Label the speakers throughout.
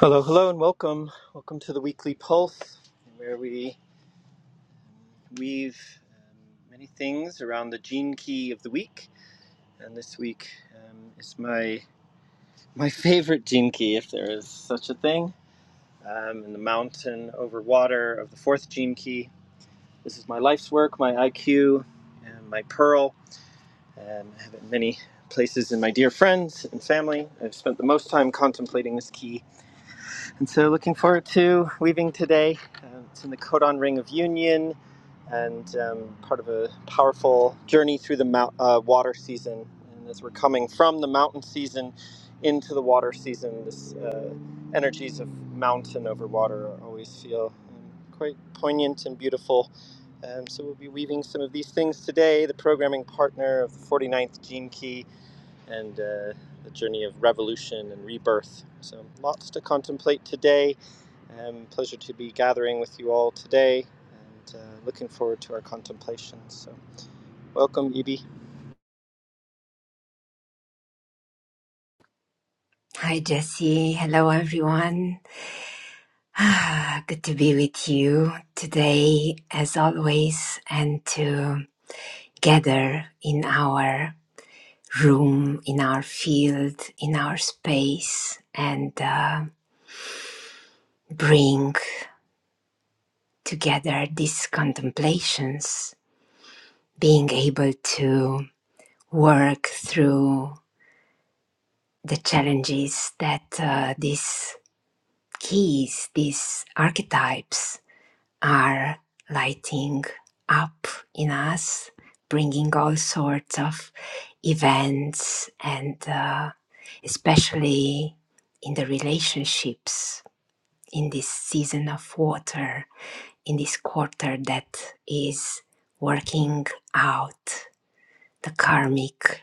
Speaker 1: Hello, hello, and welcome. Welcome to the weekly pulse, where we weave um, many things around the gene key of the week. And this week um, is my my favorite gene key, if there is such a thing. Um, in the mountain over water of the fourth gene key. This is my life's work, my IQ, and my pearl. Um, I have it in many places in my dear friends and family. I've spent the most time contemplating this key And so, looking forward to weaving today. Uh, it's in the Codon Ring of Union and um, part of a powerful journey through the mount, uh, water season. And as we're coming from the mountain season into the water season, this uh, energies of mountain over water always feel um, quite poignant and beautiful. Um, so, we'll be weaving some of these things today. The programming partner of the 49th Gene Key and uh, the journey of revolution and rebirth. So, lots to contemplate today. Um, pleasure to be gathering with you all today and uh, looking forward to our contemplations. So, welcome, Ibi.
Speaker 2: Hi, Jesse. Hello, everyone. Ah, Good to be with you today, as always, and to gather in our room, in our field, in our space, and uh, bring together these contemplations, being able to work through the challenges that uh, these keys, these archetypes, are lighting up in us, bringing all sorts of events and uh, especially in the relationships in this season of water, in this quarter that is working out the karmic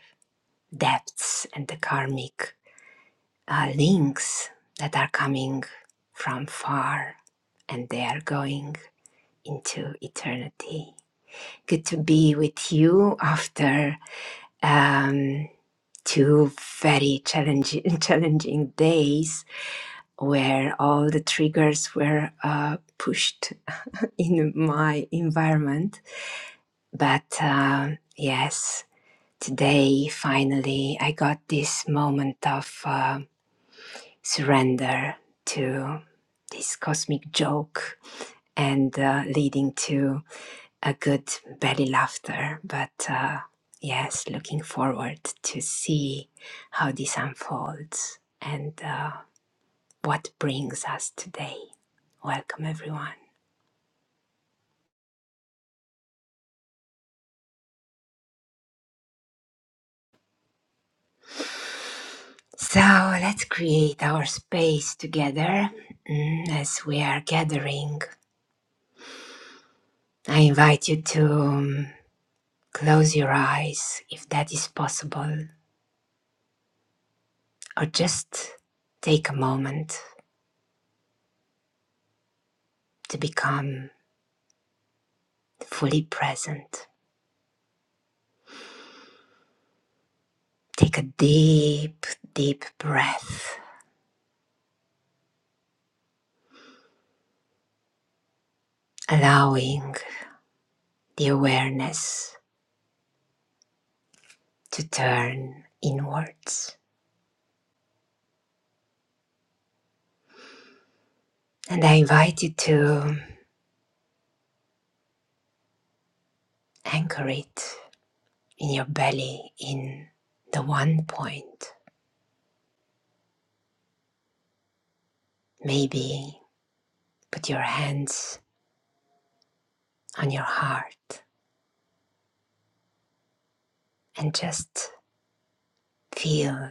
Speaker 2: depths and the karmic uh, links that are coming from far and they are going into eternity. Good to be with you after um, two very challenging, challenging days where all the triggers were uh, pushed in my environment. But um yes, today finally I got this moment of uh, surrender to this cosmic joke and uh, leading to a good belly laughter. But uh, yes, looking forward to see how this unfolds and uh, what brings us today. Welcome, everyone. So let's create our space together mm, as we are gathering. I invite you to um, close your eyes if that is possible, or just take a moment to become fully present Take a deep, deep breath, allowing the awareness to turn inwards. And I invite you to anchor it in your belly, in the one point. Maybe put your hands on your heart and just feel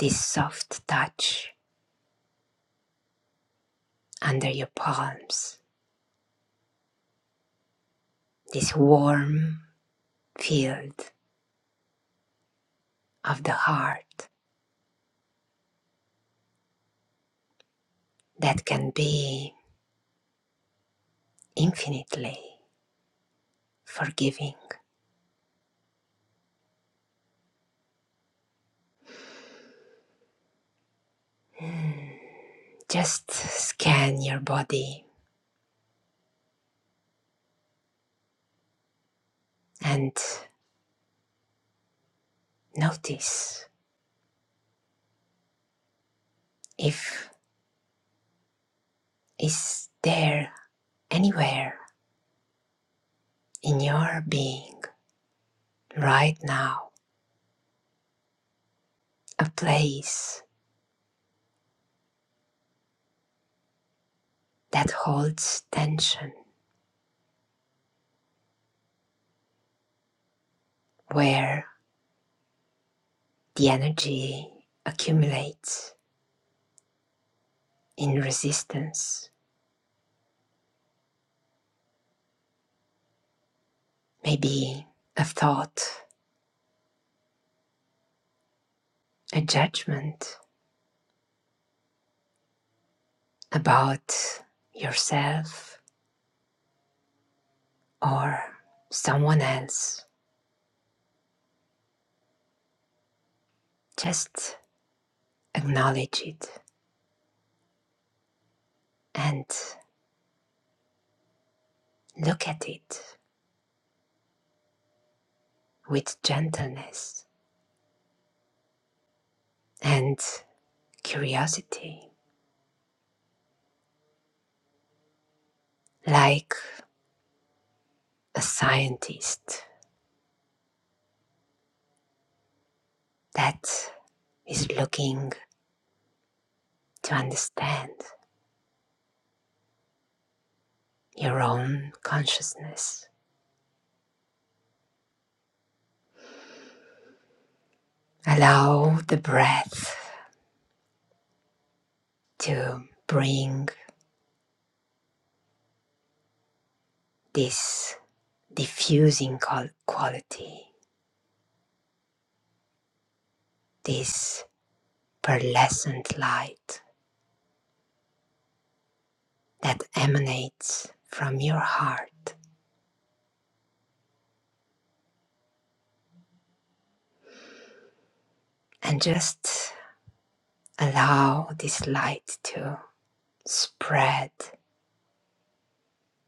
Speaker 2: this soft touch under your palms, this warm field of the heart that can be infinitely forgiving. Just scan your body and notice if is there anywhere in your being right now a place that holds tension where the energy accumulates in resistance maybe a thought a judgment about yourself or someone else. Just acknowledge it and look at it with gentleness and curiosity, like a scientist that is looking to understand your own consciousness. Allow the breath to bring this diffusing quality, this pearlescent light that emanates from your heart. And just allow this light to spread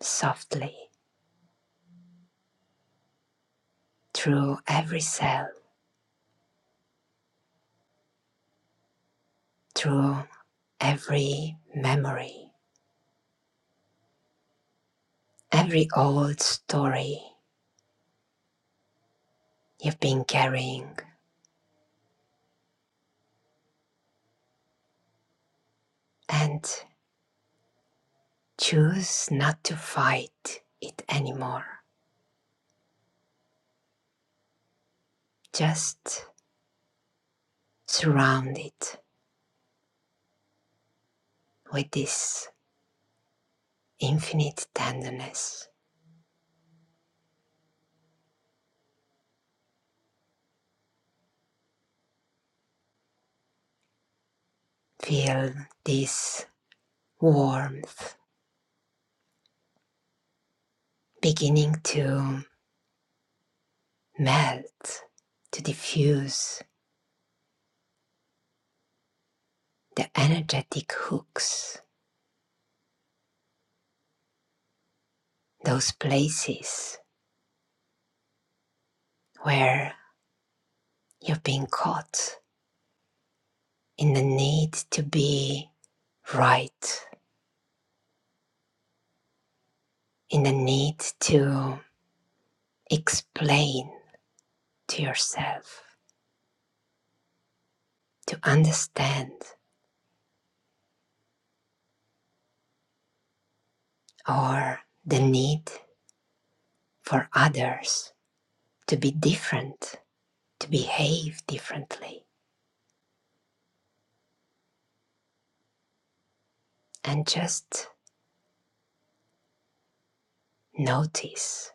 Speaker 2: softly through every cell, through every memory, every old story you've been carrying. And choose not to fight it anymore. Just surround it with this infinite tenderness. Feel this warmth beginning to melt, to diffuse the energetic hooks, those places where you've been caught in the need to be right, in the need to explain to yourself, to understand, or the need for others to be different, to behave differently, and just notice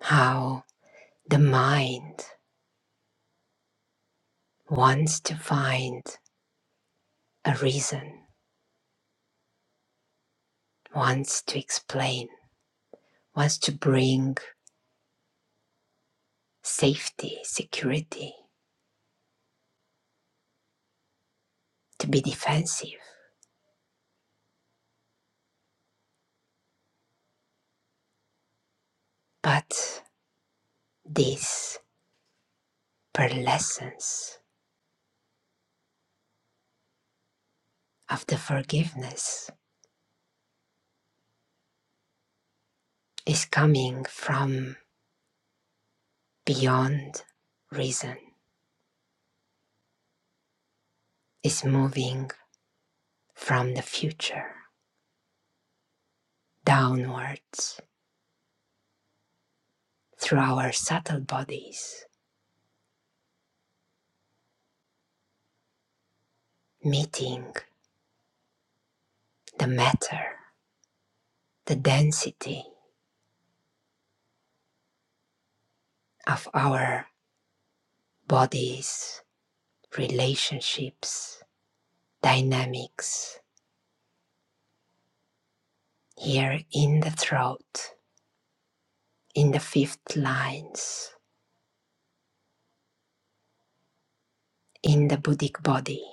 Speaker 2: how The mind wants to find a reason, wants to explain, wants to bring safety, security, to be defensive. But this pearlescence of the forgiveness is coming from beyond reason, is moving from the future downwards through our subtle bodies, meeting the matter, the density of our bodies, relationships, dynamics, here in the throat, in the fifth lines, in the Buddhic body.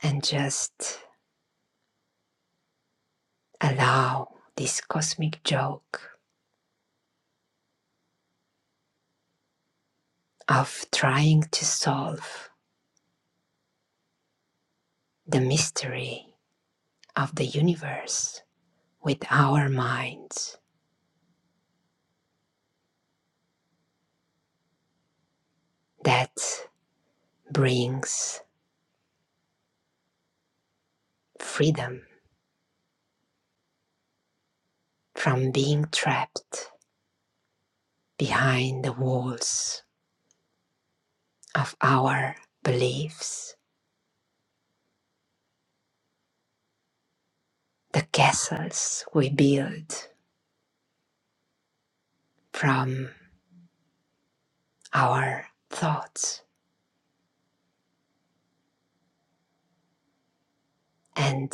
Speaker 2: And just allow this cosmic joke of trying to solve the mystery of the universe with our minds. that brings freedom from being trapped behind the walls of our beliefs, the castles we build from our thoughts, and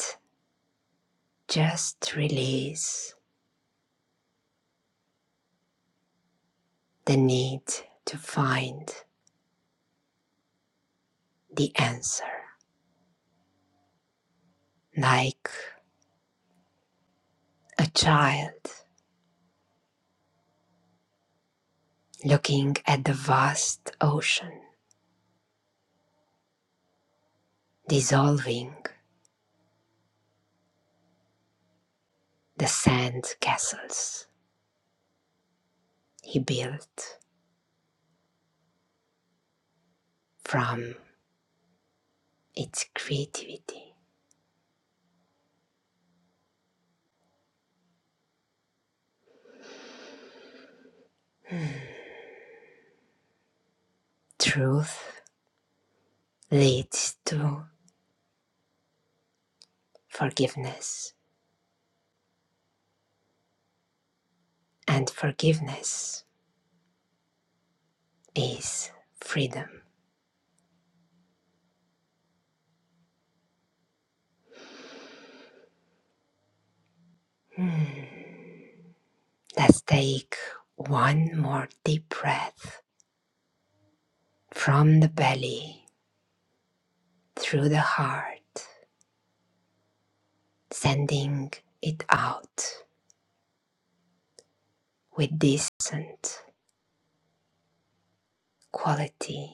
Speaker 2: just release the need to find the answer. Like a child looking at the vast ocean dissolving the sand castles he built from its creativity. Truth leads to forgiveness, and forgiveness is freedom. Hmm. Let's take one more deep breath from the belly through the heart, sending it out with decent quality.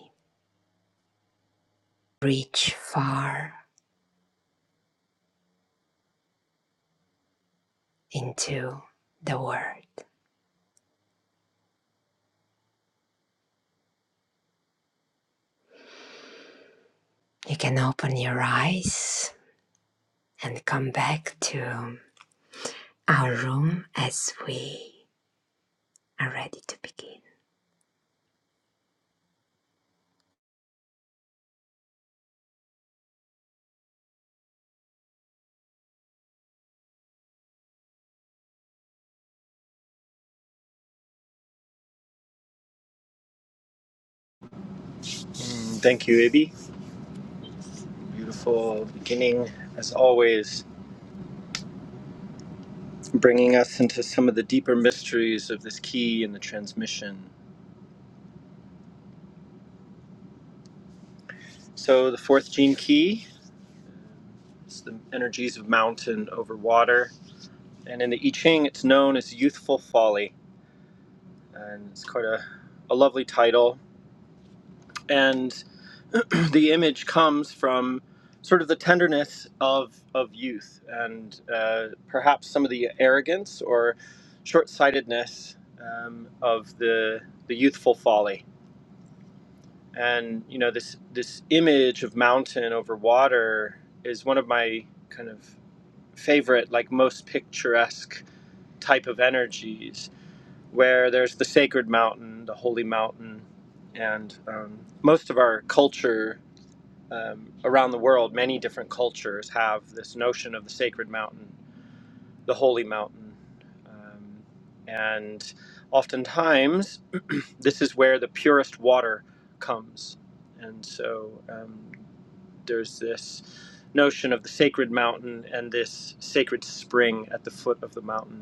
Speaker 2: Reach far into the world. You can open your eyes and come back to our room as we are ready to begin.
Speaker 1: Mm, thank you, Ibi. Beautiful beginning, as always, bringing us into some of the deeper mysteries of this key and the transmission. So, the fourth gene key is the energies of mountain over water. And in the I Ching, it's known as youthful folly and it's quite a, a lovely title. And the image comes from sort of the tenderness of, of youth and uh, perhaps some of the arrogance or short sightedness um, of the, the youthful folly. And, you know, this, this image of mountain over water is one of my kind of favorite, like most picturesque type of energies where there's the sacred mountain, the holy mountain, and um, most of our culture um, around the world, many different cultures have this notion of the sacred mountain, the holy mountain. Um, and oftentimes, this is where the purest water comes. And so um, there's this notion of the sacred mountain and this sacred spring at the foot of the mountain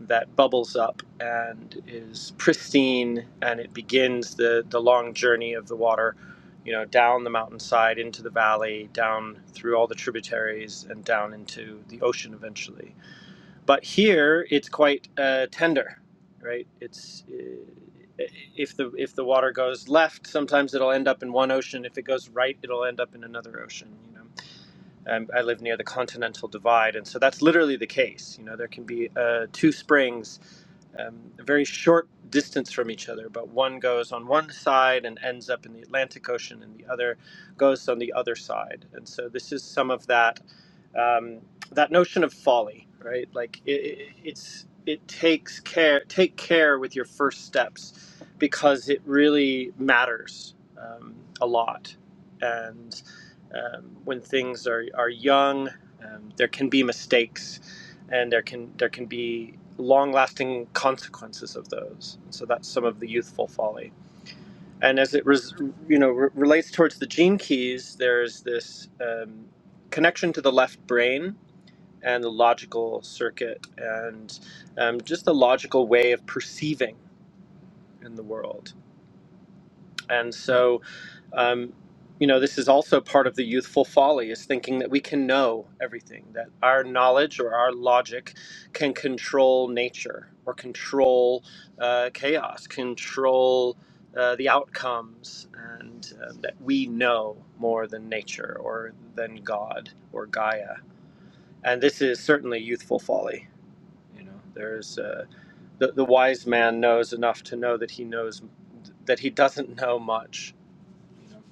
Speaker 1: that bubbles up and is pristine and it begins the, the long journey of the water you know down the mountainside into the valley down through all the tributaries and down into the ocean eventually but here it's quite uh, tender right it's uh, if the if the water goes left sometimes it'll end up in one ocean if it goes right it'll end up in another ocean you know um, I live near the Continental Divide, and so that's literally the case. You know, there can be uh, two springs um, a very short distance from each other, but one goes on one side and ends up in the Atlantic Ocean, and the other goes on the other side. And so this is some of that um, that notion of folly, right? Like it, it, it's it takes care take care with your first steps because it really matters um, a lot. And um, when things are are young, um, there can be mistakes, and there can there can be long lasting consequences of those. So that's some of the youthful folly and as it res- you know re- relates towards the gene keys, there's this um, connection to the left brain and the logical circuit and um, just the logical way of perceiving in the world. And so, um, you know, this is also part of the youthful folly is thinking that we can know everything, that our knowledge or our logic can control nature or control uh, chaos, control uh, the outcomes, and um, that we know more than nature or than God or Gaia. And this is certainly youthful folly. You know, there's uh, the the wise man knows enough to know that he knows that he doesn't know much. You know,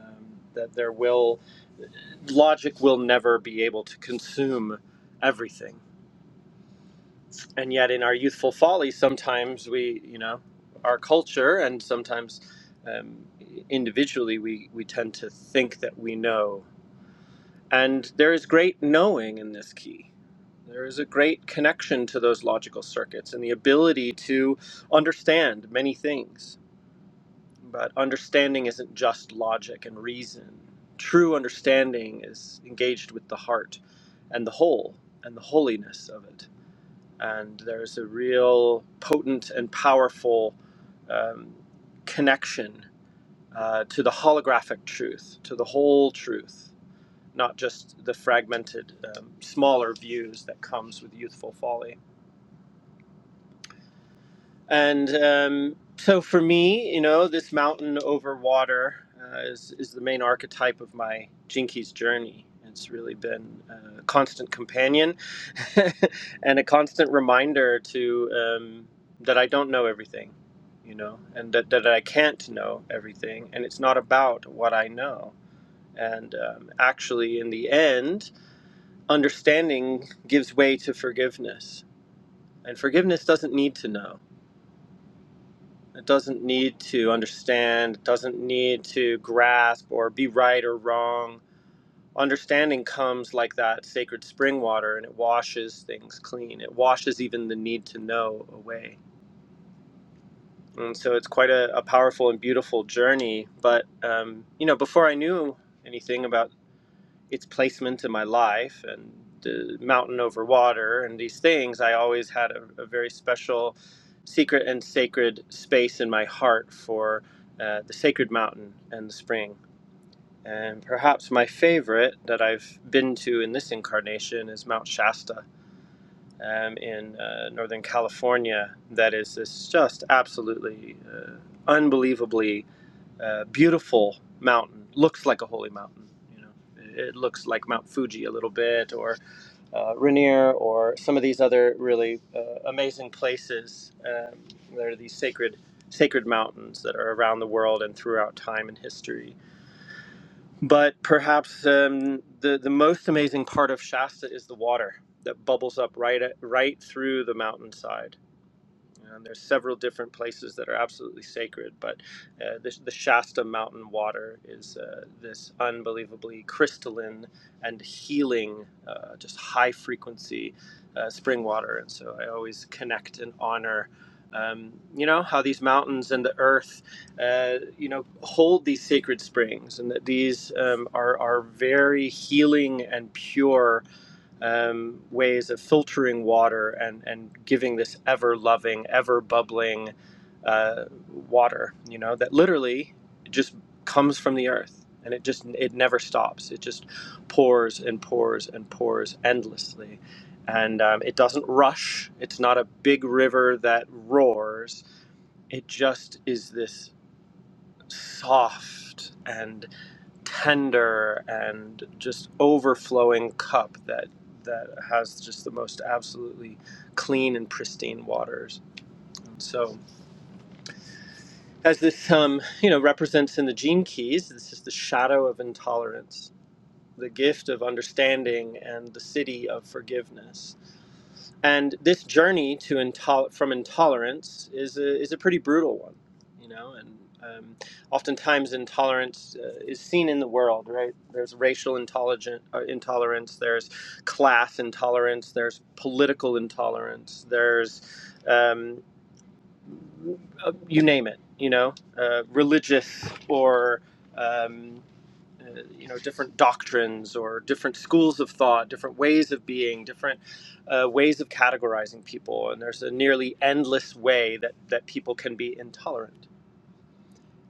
Speaker 1: um, that there will logic will never be able to consume everything, and yet in our youthful folly, sometimes we, you know, our culture and sometimes um, individually, we we tend to think that we know, and there is great knowing in this key There is a great connection to those logical circuits and the ability to understand many things. But understanding isn't just logic and reason. True understanding is engaged with the heart and the whole and the holiness of it. And there's a real potent and powerful um, connection uh, to the holographic truth, to the whole truth, not just the fragmented, um, smaller views that comes with youthful folly And um, so for me, you know, this mountain over water uh, is, is the main archetype of my Jinkies journey. It's really been uh, a constant companion and a constant reminder to um, that I don't know everything, you know, and that, that I can't know everything. And it's not about what I know. And um, actually, in the end, understanding gives way to forgiveness. And forgiveness doesn't need to know It doesn't need to understand, it doesn't need to grasp or be right or wrong. Understanding comes like that sacred spring water and it washes things clean. It washes even the need to know away. And so it's quite a, a powerful and beautiful journey. But, um, you know, before I knew anything about its placement in my life and the mountain over water and these things, I always had a, a very special, secret and sacred space in my heart for uh, the sacred mountain and the spring. And perhaps my favorite that I've been to in this incarnation is Mount Shasta um, in uh, Northern California. That is this just absolutely uh, unbelievably uh, beautiful mountain looks like a holy mountain you know it it looks like mount fuji a little bit or uh, rainier or some of these other really uh, amazing places um, there are these sacred sacred mountains that are around the world and throughout time and history but perhaps um, the, the most amazing part of shasta is the water that bubbles up right at, right through the mountainside and there's several different places that are absolutely sacred, but uh, the, the Shasta mountain water is uh, this unbelievably crystalline and healing, uh, just high frequency uh, spring water. And so I always connect and honor. Um, you know how these mountains and the earth, uh, you know, hold these sacred springs, and that these um, are are very healing and pure um, ways of filtering water and, and giving this ever loving, ever bubbling uh, water, you know, that literally just comes from the earth and it just it never stops. It just pours and pours and pours endlessly. And um, it doesn't rush. It's not a big river that roars. It just is this soft and tender and just overflowing cup that that has just the most absolutely clean and pristine waters. so, as this um, you know represents in the gene keys, this is the shadow of intolerance, the gift of understanding, and the city of forgiveness and this journey to intol- from intolerance is a, is a pretty brutal one you know and um, oftentimes intolerance uh, is seen in the world right there's racial intolerant, uh, intolerance there's class intolerance there's political intolerance there's um, uh, you name it you know uh, religious or um, uh, you know different doctrines or different schools of thought different ways of being different uh, ways of categorizing people and there's a nearly endless way that that people can be intolerant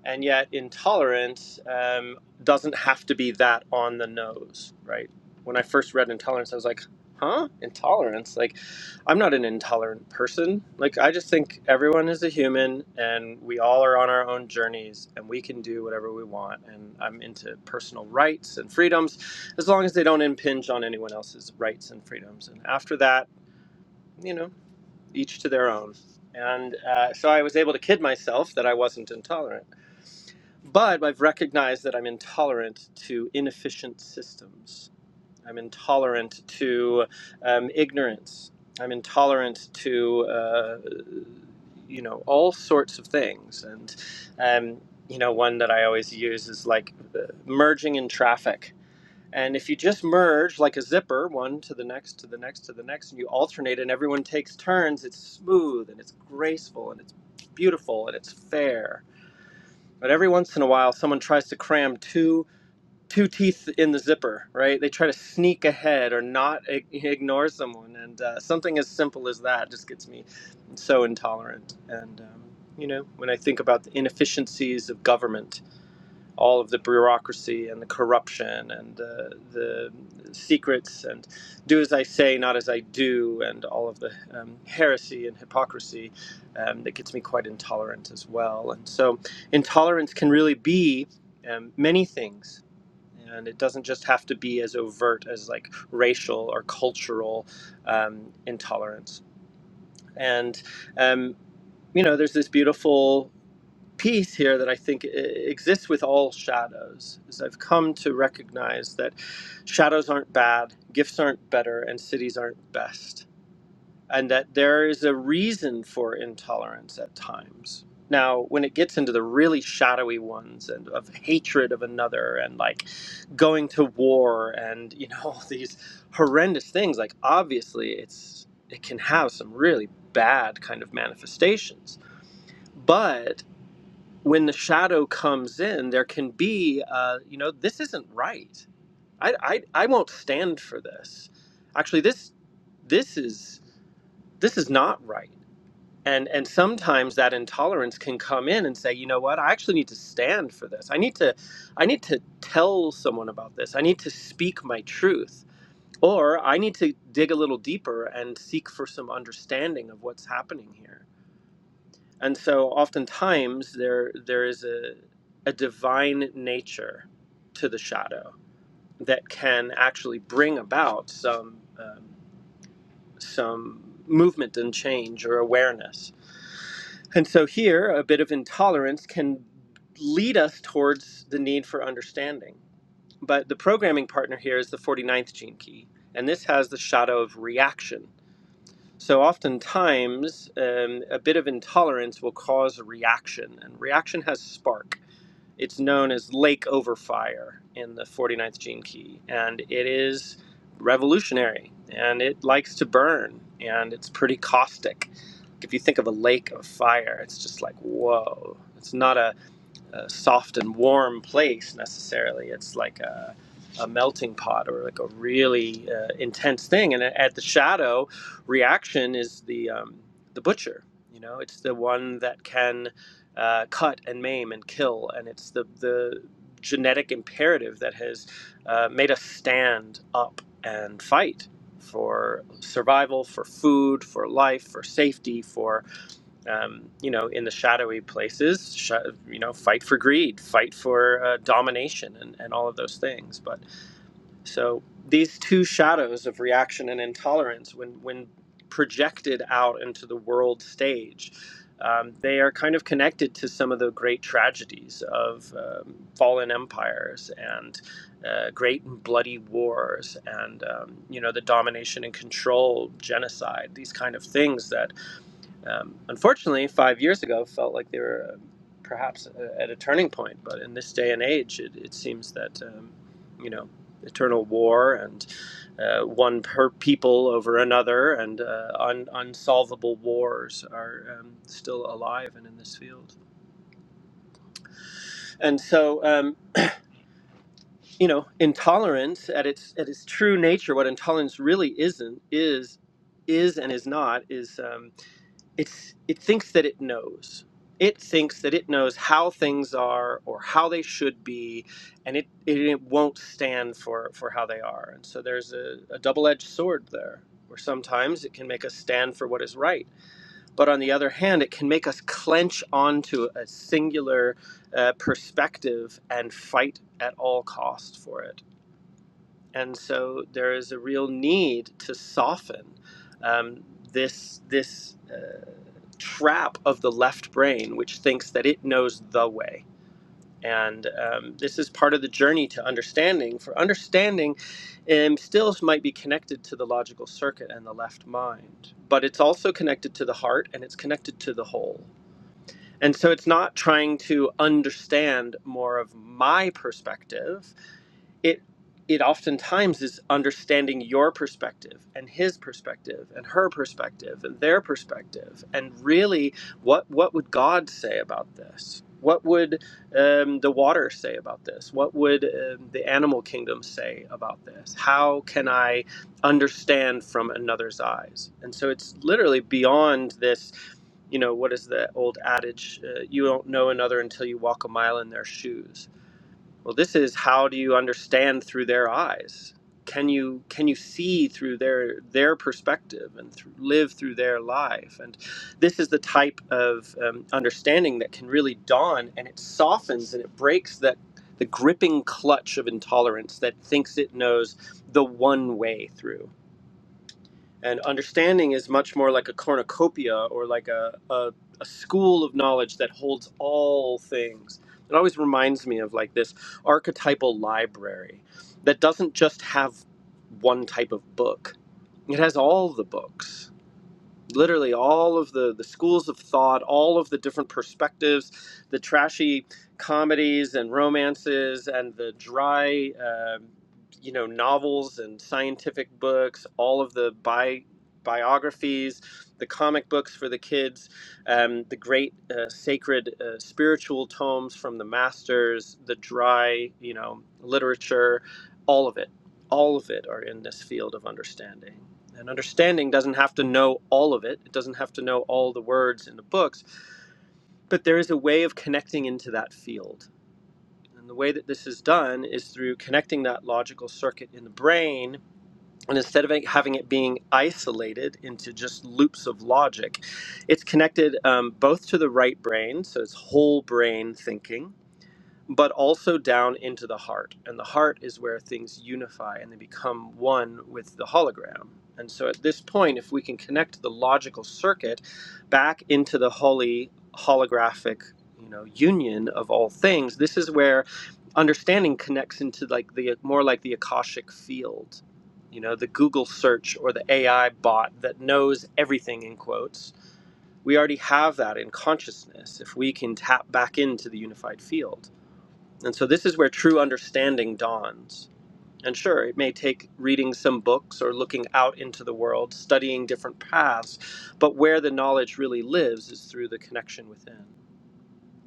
Speaker 1: and yet intolerance um, doesn't have to be that on the nose right when i first read intolerance i was like huh intolerance like i'm not an intolerant person like i just think everyone is a human and we all are on our own journeys and we can do whatever we want and i'm into personal rights and freedoms as long as they don't impinge on anyone else's rights and freedoms and after that you know each to their own and uh, so i was able to kid myself that i wasn't intolerant but I've recognized that I'm intolerant to inefficient systems. I'm intolerant to um, ignorance. I'm intolerant to, uh, you know, all sorts of things. And, um, you know, one that I always use is like uh, merging in traffic. And if you just merge like a zipper, one to the next, to the next, to the next, and you alternate and everyone takes turns, it's smooth and it's graceful and it's beautiful and it's fair but every once in a while, someone tries to cram two two teeth in the zipper, right? They try to sneak ahead or not ig- ignore someone, and uh, something as simple as that just gets me so intolerant. And um, you know, when I think about the inefficiencies of government all of the bureaucracy and the corruption and the, the secrets and do as I say, not as I do, and all of the um, heresy and hypocrisy um, that gets me quite intolerant as well. And so, intolerance can really be um, many things. And it doesn't just have to be as overt as like racial or cultural um, intolerance. And, um, you know, there's this beautiful piece here that I think e- exists with all shadows is I've come to recognize that shadows aren't bad, gifts aren't better, and cities aren't best, and that there is a reason for intolerance at times. Now, when it gets into the really shadowy ones and of hatred of another and like going to war and you know these horrendous things, like obviously it's it can have some really bad kind of manifestations. But when the shadow comes in, there can be, uh, you know, this isn't right. I, I, I won't stand for this. Actually, this, this is, this is not right. And, and sometimes that intolerance can come in and say, you know what, I actually need to stand for this. I need to, I need to tell someone about this. I need to speak my truth. Or I need to dig a little deeper and seek for some understanding of what's happening here. And so oftentimes there there is a a divine nature to the shadow that can actually bring about some um, some movement and change or awareness. And so here a bit of intolerance can lead us towards the need for understanding. But the programming partner here is the forty ninth gene key, and this has the shadow of reaction so, oftentimes, um, a bit of intolerance will cause a reaction, and reaction has spark. It's known as lake over fire in the 49th gene key, and it is revolutionary and it likes to burn and it's pretty caustic. Like, If you think of a lake of fire, it's just like, whoa. It's not a a soft and warm place necessarily. It's like a, a melting pot or like a really uh, intense thing. And at the shadow, reaction is the um, the butcher. You know, it's the one that can uh, cut and maim and kill, and it's the the genetic imperative that has uh, made us stand up and fight for survival, for food, for life, for safety, for um, you know, in the shadowy places, sh- you know, fight for greed, fight for uh, domination, and, and all of those things. But so these two shadows of reaction and intolerance, when when projected out into the world stage, um, they are kind of connected to some of the great tragedies of um, fallen empires and uh, great and bloody wars, and um, you know, the domination and control, genocide, these kind of things that um, unfortunately, five years ago felt like they were uh, perhaps at a turning point, but in this day and age, it, it seems that um, you know eternal war and uh, one per people over another and uh, un- unsolvable wars are um, still alive and in this field. And so, um, you know, intolerance at its at its true nature, what intolerance really isn't is is and is not is. Um, it's it thinks that it knows it thinks that it knows how things are or how they should be and it it, it won't stand for for how they are and so there's a, a double-edged sword there where sometimes it can make us stand for what is right but on the other hand it can make us clench onto a singular uh, perspective and fight at all costs for it and so there is a real need to soften um, this this Uh, trap of the left brain, which thinks that it knows the way. And um, this is part of the journey to understanding. For understanding, um, still might be connected to the logical circuit and the left mind, but it's also connected to the heart and it's connected to the whole. And so it's not trying to understand more of my perspective it it oftentimes is understanding your perspective and his perspective and her perspective and their perspective and really what what would god say about this what would um, the water say about this what would um, the animal kingdom say about this how can i understand from another's eyes and so it's literally beyond this you know what is the old adage uh, you don't know another until you walk a mile in their shoes well, this is how do you understand through their eyes? Can you can you see through their their perspective and through, live through their life? And this is the type of um, understanding that can really dawn, and it softens and it breaks that the gripping clutch of intolerance that thinks it knows the one way through. And understanding is much more like a cornucopia or like a, a, a school of knowledge that holds all things. It always reminds me of like this archetypal library that doesn't just have one type of book, it has all the books literally all of the the schools of thought, all of the different perspectives, the trashy comedies and romances, and the dry, um you know, novels and scientific books, all of the bi biographies, the comic books for the kids, um, the great uh, sacred uh, spiritual tomes from the masters, the dry, you know, literature, all of it, all of it are in this field of understanding. And understanding doesn't have to know all of it, it doesn't have to know all the words in the books, but there is a way of connecting into that field. And the way that this is done is through connecting that logical circuit in the brain. And instead of having it being isolated into just loops of logic, it's connected um, both to the right brain, so it's whole brain thinking, but also down into the heart. And the heart is where things unify and they become one with the hologram. And so at this point, if we can connect the logical circuit back into the holy holographic, you know, union of all things, this is where understanding connects into like the more like the Akashic field. You know, the Google search or the AI bot that knows everything in quotes. We already have that in consciousness if we can tap back into the unified field. And so this is where true understanding dawns. And sure, it may take reading some books or looking out into the world, studying different paths, but where the knowledge really lives is through the connection within.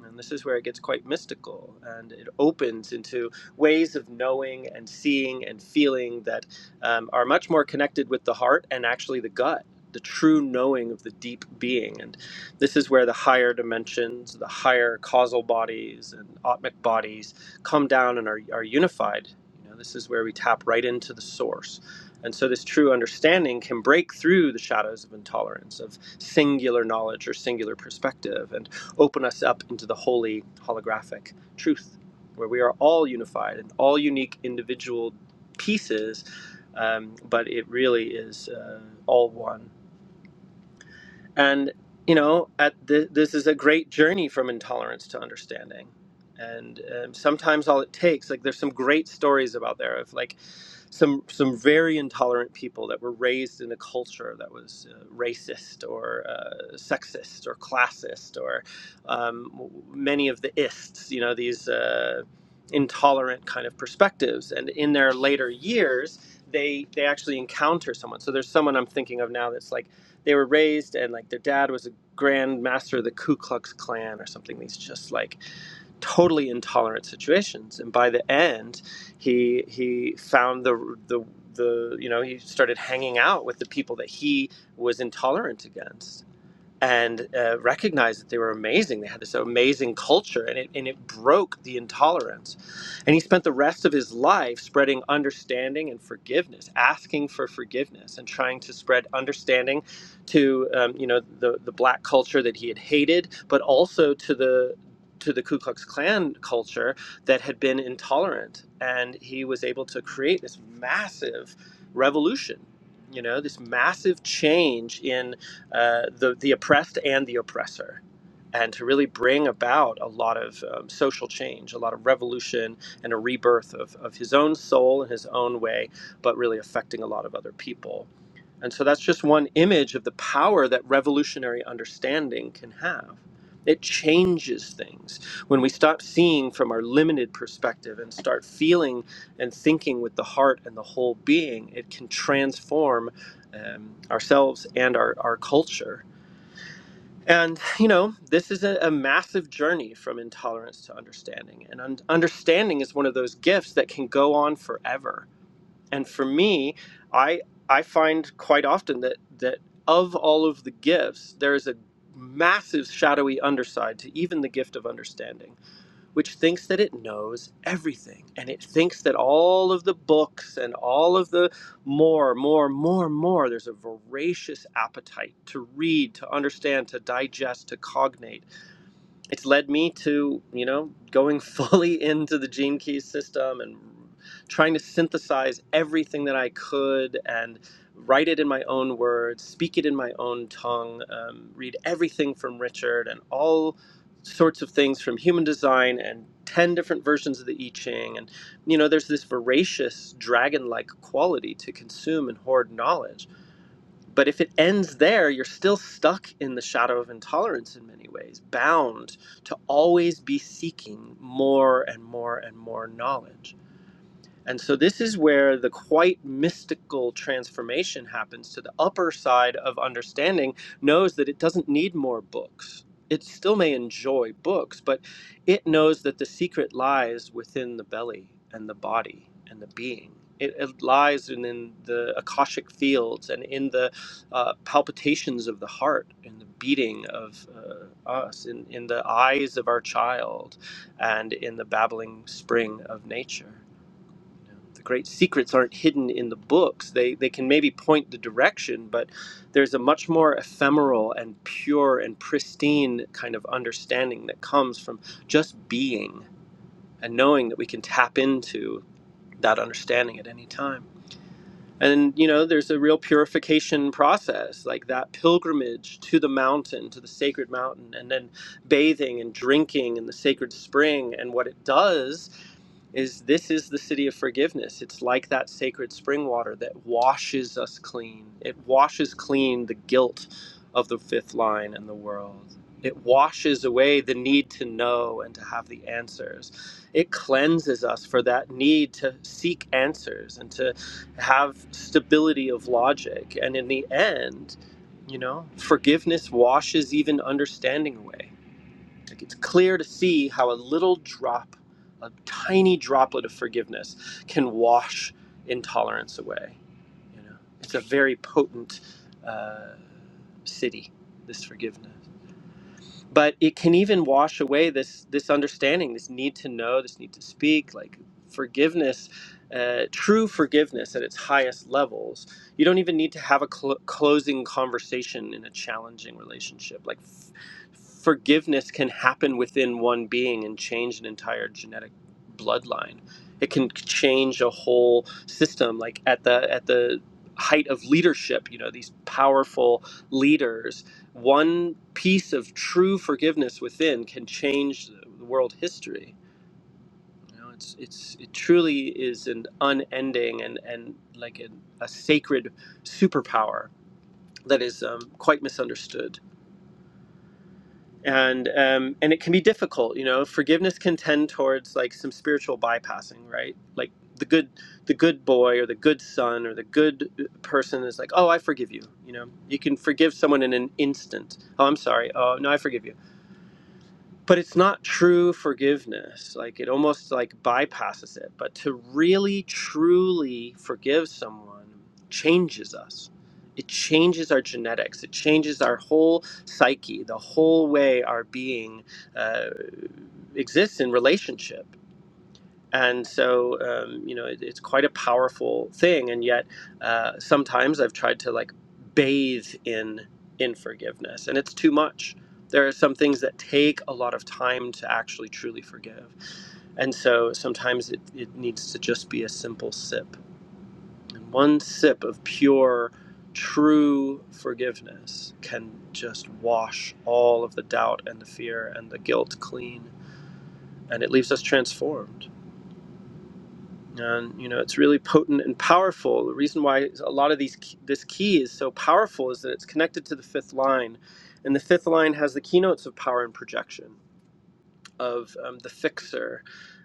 Speaker 1: And this is where it gets quite mystical and it opens into ways of knowing and seeing and feeling that um, are much more connected with the heart and actually the gut, the true knowing of the deep being. And this is where the higher dimensions, the higher causal bodies and atmic bodies come down and are, are unified. You know, this is where we tap right into the source. And so, this true understanding can break through the shadows of intolerance, of singular knowledge or singular perspective. And open us up into the holy holographic truth, where we are all unified and all unique individual pieces, um, but it really is uh, all one and you know at th- this is a great journey from intolerance to understanding and um, sometimes all it takes like there's some great stories about there of like some some very intolerant people that were raised in a culture that was uh, racist or uh, sexist or classist or um, w- many of the ists you know these uh, intolerant kind of perspectives and in their later years they they actually encounter someone so there's someone i'm thinking of now that's like they were raised and like their dad was a grand master of the Ku Klux Klan or something. These just like totally intolerant situations. And by the end, he he found the the the you know he started hanging out with the people that he was intolerant against and uh, recognized that they were amazing. They had this amazing culture, and it, and it broke the intolerance. And he spent the rest of his life spreading understanding and forgiveness, asking for forgiveness, and trying to spread understanding to um, you know the the black culture that he had hated, but also to the to the Ku Klux Klan culture that had been intolerant, and he was able to create this massive revolution. You know, this massive change in uh, the the oppressed and the oppressor, and to really bring about a lot of um, social change, a lot of revolution, and a rebirth of, of his own soul in his own way, but really affecting a lot of other people. And so that's just one image of the power that revolutionary understanding can have. It changes things when we stop seeing from our limited perspective and start feeling and thinking with the heart and the whole being. It can transform um, ourselves and our, our culture. And, you know, this is a, a massive journey from intolerance to understanding. And un- understanding is one of those gifts that can go on forever and for me i i find quite often that that of all of the gifts there is a massive shadowy underside to even the gift of understanding which thinks that it knows everything and it thinks that all of the books and all of the more more more more there's a voracious appetite to read to understand to digest to cognate it's led me to you know going fully into the gene keys system and trying to synthesize everything that i could and write it in my own words speak it in my own tongue um, read everything from richard and all sorts of things from human design and 10 different versions of the i ching and you know there's this voracious dragon-like quality to consume and hoard knowledge but if it ends there, you're still stuck in the shadow of intolerance in many ways, bound to always be seeking more and more and more knowledge. And so this is where the quite mystical transformation happens to the upper side of understanding knows that it doesn't need more books. It still may enjoy books, but it knows that the secret lies within the belly and the body and the being. It, it lies in, in the Akashic fields and in the uh, palpitations of the heart and the beating of uh, us, in, in the eyes of our child, and in the babbling spring of nature the great secrets aren't hidden in the books. They they can maybe point the direction, but there's a much more ephemeral and pure and pristine kind of understanding that comes from just being and knowing that we can tap into that understanding at any time. And you know, there's a real purification process, like that pilgrimage to the mountain, to the sacred mountain, and then bathing and drinking in the sacred spring and what it does is this is the city of forgiveness. It's like that sacred spring water that washes us clean. It washes clean the guilt of the fifth line and the world. It washes away the need to know and to have the answers. It cleanses us for that need to seek answers and to have stability of logic. And in the end, you know, forgiveness washes even understanding away like it's clear to see how a little drop, a tiny droplet of forgiveness can wash intolerance away. You know, it's a very potent uh, city, this forgiveness but it can even wash away this this understanding this need to know this need to speak like forgiveness uh, true forgiveness at its highest levels you don't even need to have a cl- closing conversation in a challenging relationship like f- forgiveness can happen within one being and change an entire genetic bloodline it can change a whole system like at the at the height of leadership you know these powerful leaders one piece of true forgiveness within can change the world history. You know, it's it's it truly is an unending and and like a, a sacred superpower that is um, quite misunderstood. And um, and it can be difficult. You know, forgiveness can tend towards like some spiritual bypassing, right? Like the good the good boy or the good son or the good uh, person is like, oh, I forgive you. You know, you can forgive someone in an instant. Oh, I'm sorry. Oh, no, I forgive you but it's not true forgiveness like it almost like bypasses it but to really truly forgive someone changes us it changes our genetics it changes our whole psyche the whole way our being uh, exists in relationship and so um, you know it, it's quite a powerful thing and yet uh, sometimes i've tried to like bathe in in forgiveness and it's too much there are some things that take a lot of time to actually truly forgive and so sometimes it, it needs to just be a simple sip and one sip of pure true forgiveness can just wash all of the doubt and the fear and the guilt clean and it leaves us transformed and you know it's really potent and powerful the reason why a lot of these this key is so powerful is that it's connected to the fifth line and the fifth line has the keynotes of power and projection of um, the fixer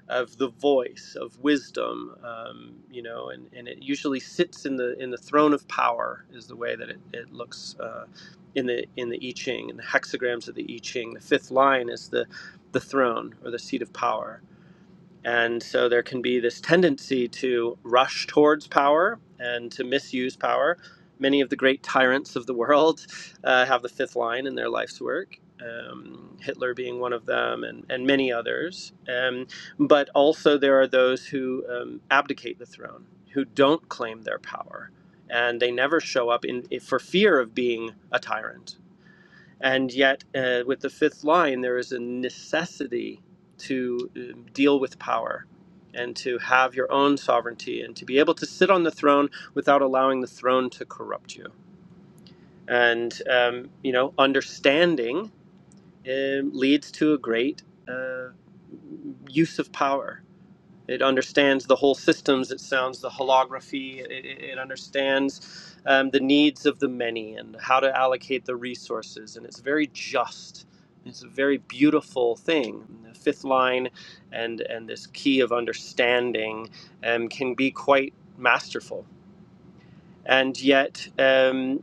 Speaker 1: of the voice of wisdom um, you know and, and it usually sits in the in the throne of power is the way that it, it looks uh, in the in the i ching and the hexagrams of the i ching the fifth line is the the throne or the seat of power and so there can be this tendency to rush towards power and to misuse power. Many of the great tyrants of the world uh, have the fifth line in their life's work, um, Hitler being one of them, and, and many others. Um, but also, there are those who um, abdicate the throne, who don't claim their power, and they never show up in, for fear of being a tyrant and yet, uh, with the fifth line, there is a necessity to um, deal with power and to have your own sovereignty and to be able to sit on the throne without allowing the throne to corrupt you. And, um, you know, understanding um leads to a great uh, use of power it understands the whole systems. It sounds the holography. It, it, it understands um, the needs of the many and how to allocate the resources. And it's very just. It's a very beautiful thing. The fifth line and, and this key of understanding um, can be quite masterful and yet um,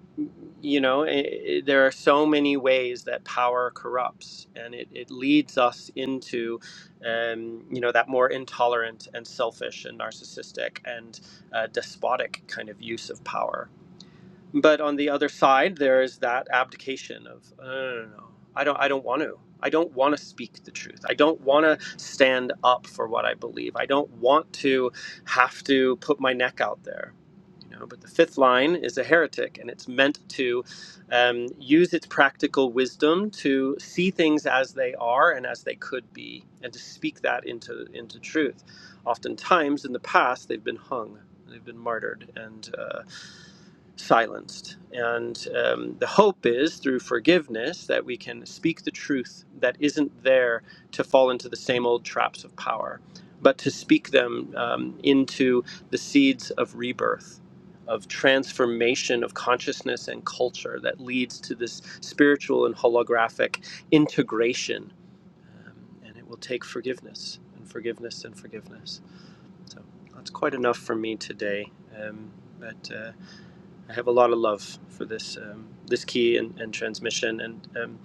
Speaker 1: you know i i there are so many ways that power corrupts and it, it leads us into um, you know that more intolerant and selfish and narcissistic and uh, despotic kind of use of power but on the other side, there is that abdication of "Uh, no, no, no, I don't, I don't want to. I don't want to speak the truth. I don't want to stand up for what I believe. I don't want to have to put my neck out there. You know, but the fifth line is a heretic, and it's meant to um, use its practical wisdom to see things as they are and as they could be, and to speak that into into truth. Oftentimes, in the past, they've been hung, they've been martyred, and. Uh, silenced. And um, the hope is through forgiveness that we can speak the truth that isn't there to fall into the same old traps of power, but to speak them um, into the seeds of rebirth. Of transformation of consciousness and culture that leads to this spiritual and holographic integration. Um, and it will take forgiveness and forgiveness and forgiveness. So that's quite enough for me today. Um, but uh, I have a lot of love for this um, this key and, and transmission, and um,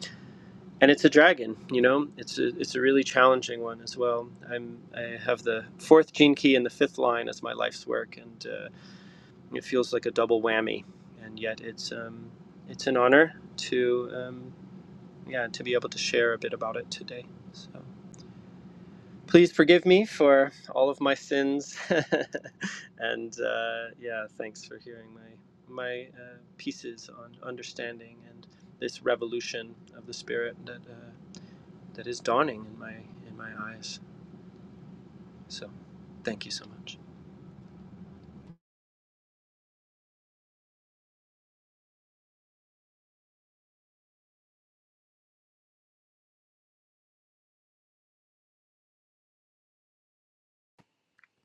Speaker 1: and it's a dragon. You know, it's a, it's a really challenging one as well. I'm I have the fourth gene key and the fifth line as my life's work, and uh, it feels like a double whammy. And yet, it's um, it's an honor to um, yeah to be able to share a bit about it today. So. Please forgive me for all of my sins, and uh, yeah, thanks for hearing my my uh, pieces on understanding and this revolution of the spirit that uh, that is dawning in my in my eyes. So, thank you so much.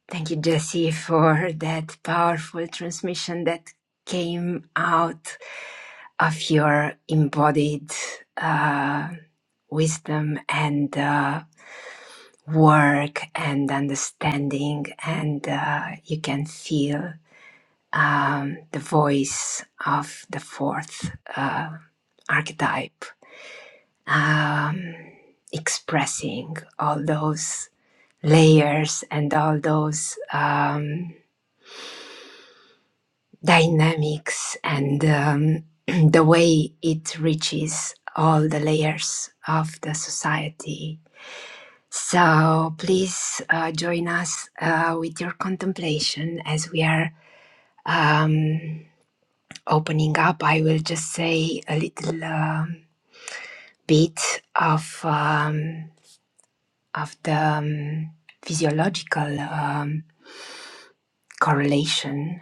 Speaker 2: Thank you, Jesse, for that powerful transmission that came out of your embodied uh, wisdom and uh, work and understanding, and uh, you can feel um, the voice of the fourth uh, archetype um, expressing all those layers and all those um, dynamics and um, the way it reaches all the layers of the society. So please uh, join us uh, with your contemplation as we are um, opening up. I will just say a little um, bit of. Um, of the um, physiological um, correlation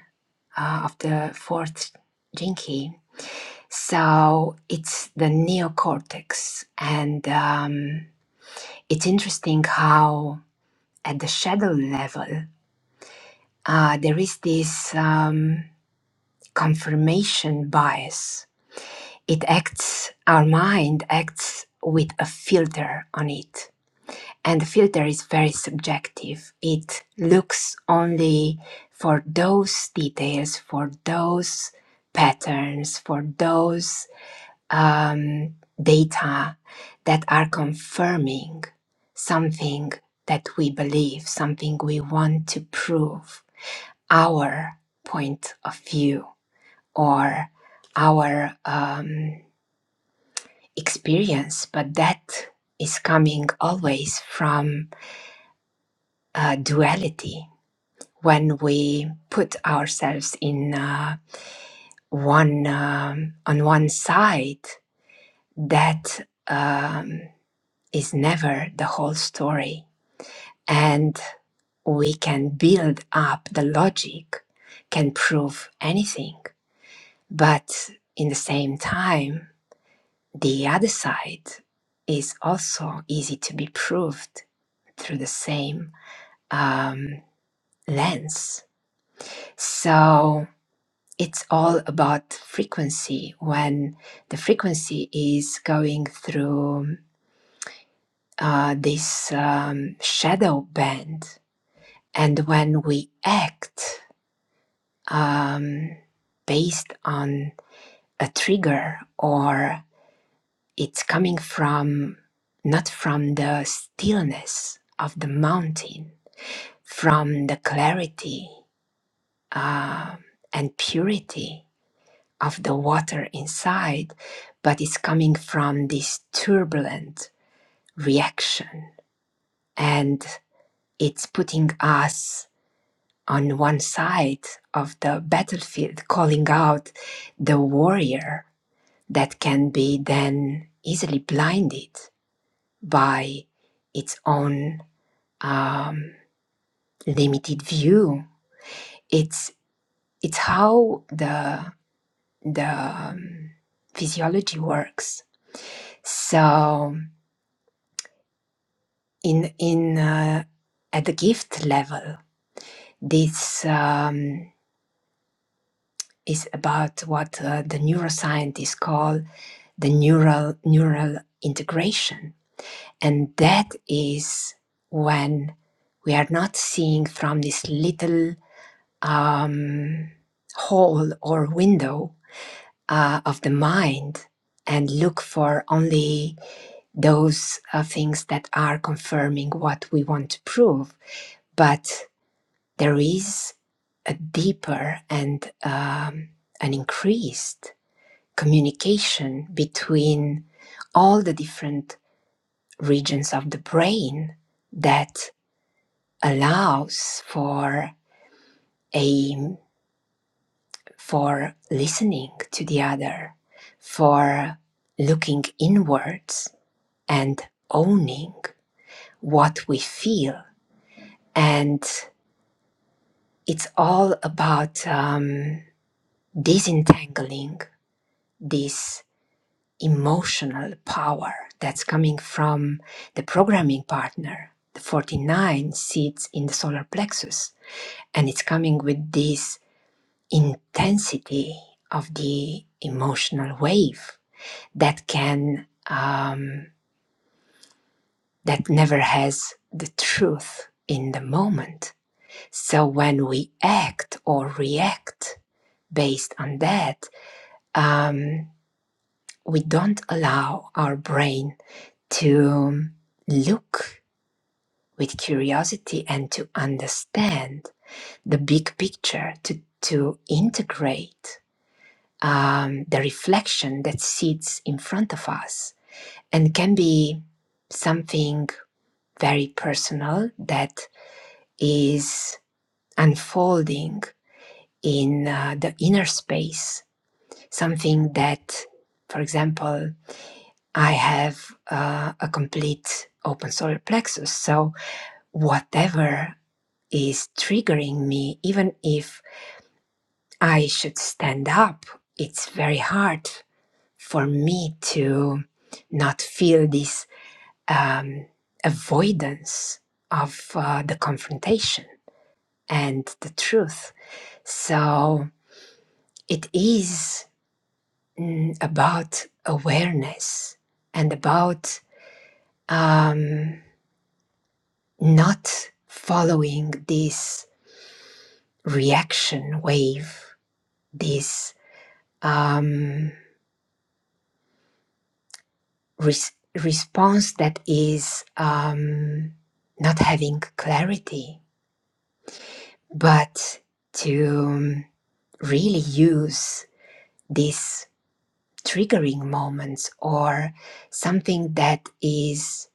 Speaker 2: uh, of the fourth jinki, So it's the neocortex, and um, it's interesting how at the shadow level uh, there is this um, confirmation bias. It acts, our mind acts with a filter on it and the filter is very subjective. It looks only for those details, for those patterns, for those um, data that are confirming something that we believe, something we want to prove, our point of view or our um, experience. But that is coming always from uh, duality when we put ourselves in uh, one um, on one side that um, is never the whole story and we can build up the logic can prove anything but in the same time the other side is also easy to be proved through the same um, lens so it's all about frequency. When the frequency is going through uh, this um, shadow band, and when we act um, based on a trigger, or it's coming from not from the stillness of the mountain, from the clarity uh, and purity of the water inside, but it's coming from this turbulent reaction. And it's putting us on one side of the battlefield, calling out the warrior that can be then easily blinded by its own um, limited view. It's it's how the the um, physiology works. So in in uh, at the gift level this um, is about what uh, the neuroscientists call the neural neural integration and that is when we are not seeing from this little um, hole or window uh, of the mind and look for only those uh, things that are confirming what we want to prove but there is a deeper and um, an increased communication between all the different regions of the brain that allows for a for listening to the other for looking inwards and owning what we feel and it's all about um, disentangling this emotional power that's coming from the programming partner, the 49 seats in the solar plexus. And it's coming with this intensity of the emotional wave that can, um, that never has the truth in the moment. So when we act or react based on that, um, we don't allow our brain to look with curiosity and to understand the big picture, to, to integrate um, the reflection that sits in front of us and can be something very personal that is unfolding in uh, the inner space, something that, for example, I have uh, a complete open solar plexus. So, whatever is triggering me, even if I should stand up. It's very hard for me to not feel this um, avoidance of uh, the confrontation and the truth. So it is mm, about awareness and about um, not following this reaction wave, this. um, res- response that is um, not having clarity, but to um, really use these triggering moments or something that is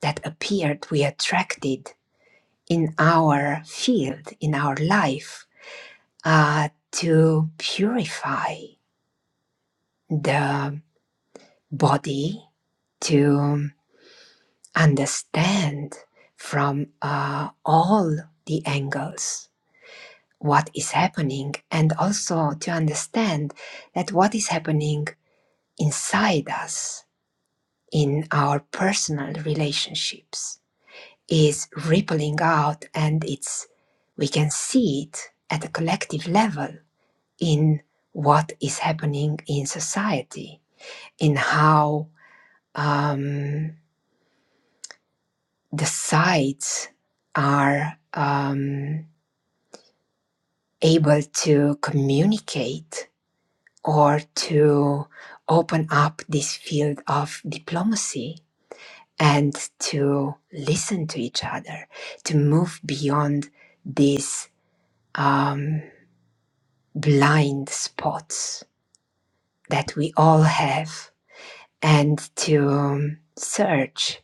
Speaker 2: that appeared we attracted in our field in our life uh, to purify the body to um, understand from uh, all the angles what is happening and also to understand that what is happening inside us in our personal relationships is rippling out and it's we can see it at a collective level in what is happening in society in how um, the sides are um, able to communicate or to open up this field of diplomacy and to listen to each other, to move beyond these um, blind spots that we all have and to um, search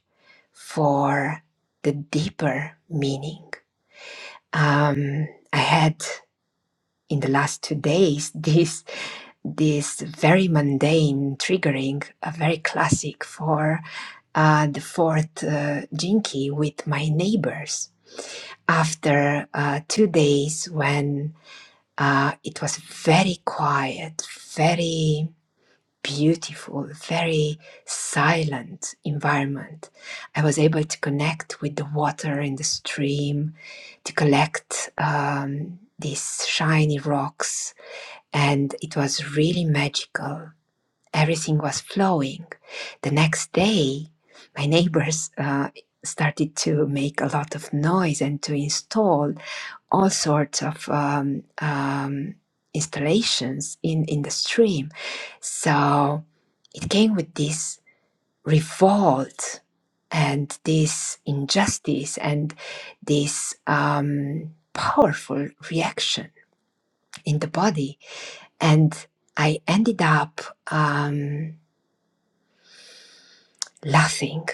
Speaker 2: for the deeper meaning. Um, I had in the last two days this this very mundane triggering a very classic for uh, the fourth uh, jinky with my neighbors after uh, two days when uh, it was very quiet very beautiful very silent environment i was able to connect with the water in the stream to collect um, these shiny rocks and it was really magical everything was flowing. The next day, my neighbors uh, started to make a lot of noise and to install all sorts of um, um, installations in, in the stream. So it came with this revolt and this injustice and this um, powerful reaction in the body. And I ended up um, laughing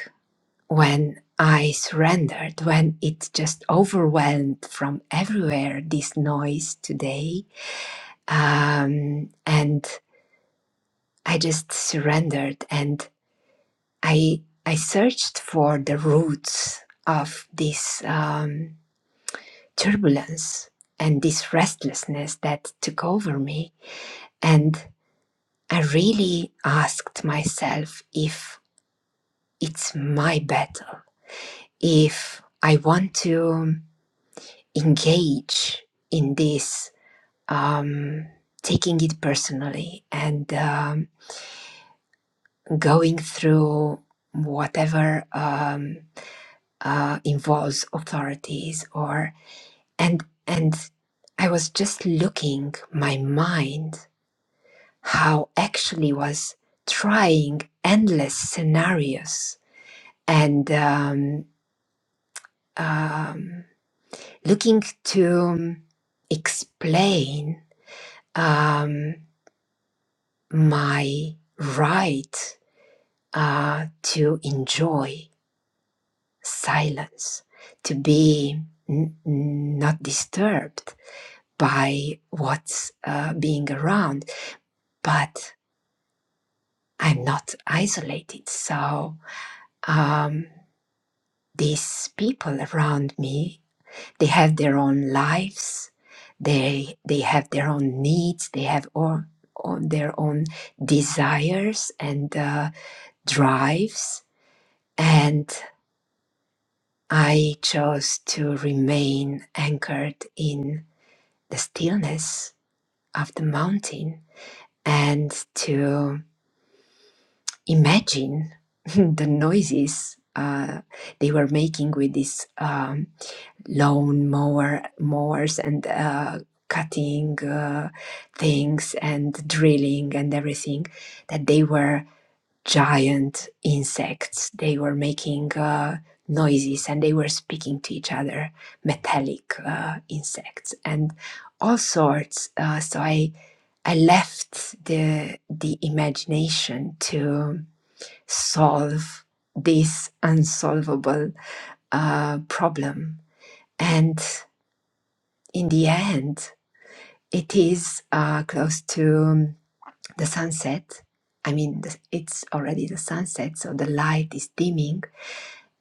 Speaker 2: when I surrendered, when it just overwhelmed from everywhere this noise today, um, and I just surrendered and I I searched for the roots of this um, turbulence and this restlessness that took over me, and I really asked myself if it's my battle, if I want to. engage in this, um, taking it personally and um, going through whatever um, uh, involves authorities or and and I was just looking my mind how actually was trying endless scenarios and um, um, looking to um, explain. Um, my right uh, to enjoy silence, to be n- not disturbed by what's uh, being around, but I'm not isolated. So um, these people around me, they have their own lives, they they have their own needs, they have all, all their own desires and uh, drives, and I chose to remain anchored in the stillness of the mountain and to imagine the noises uh, they were making with these um, lawn mower mowers and uh, cutting uh, things and drilling and everything that they were giant insects. They were making uh, noises and they were speaking to each other, metallic uh, insects and all sorts. Uh, so I I left the the imagination to solve this unsolvable uh, problem, and in the end, it is uh, close to the sunset. I mean, it's already the sunset, so the light is dimming,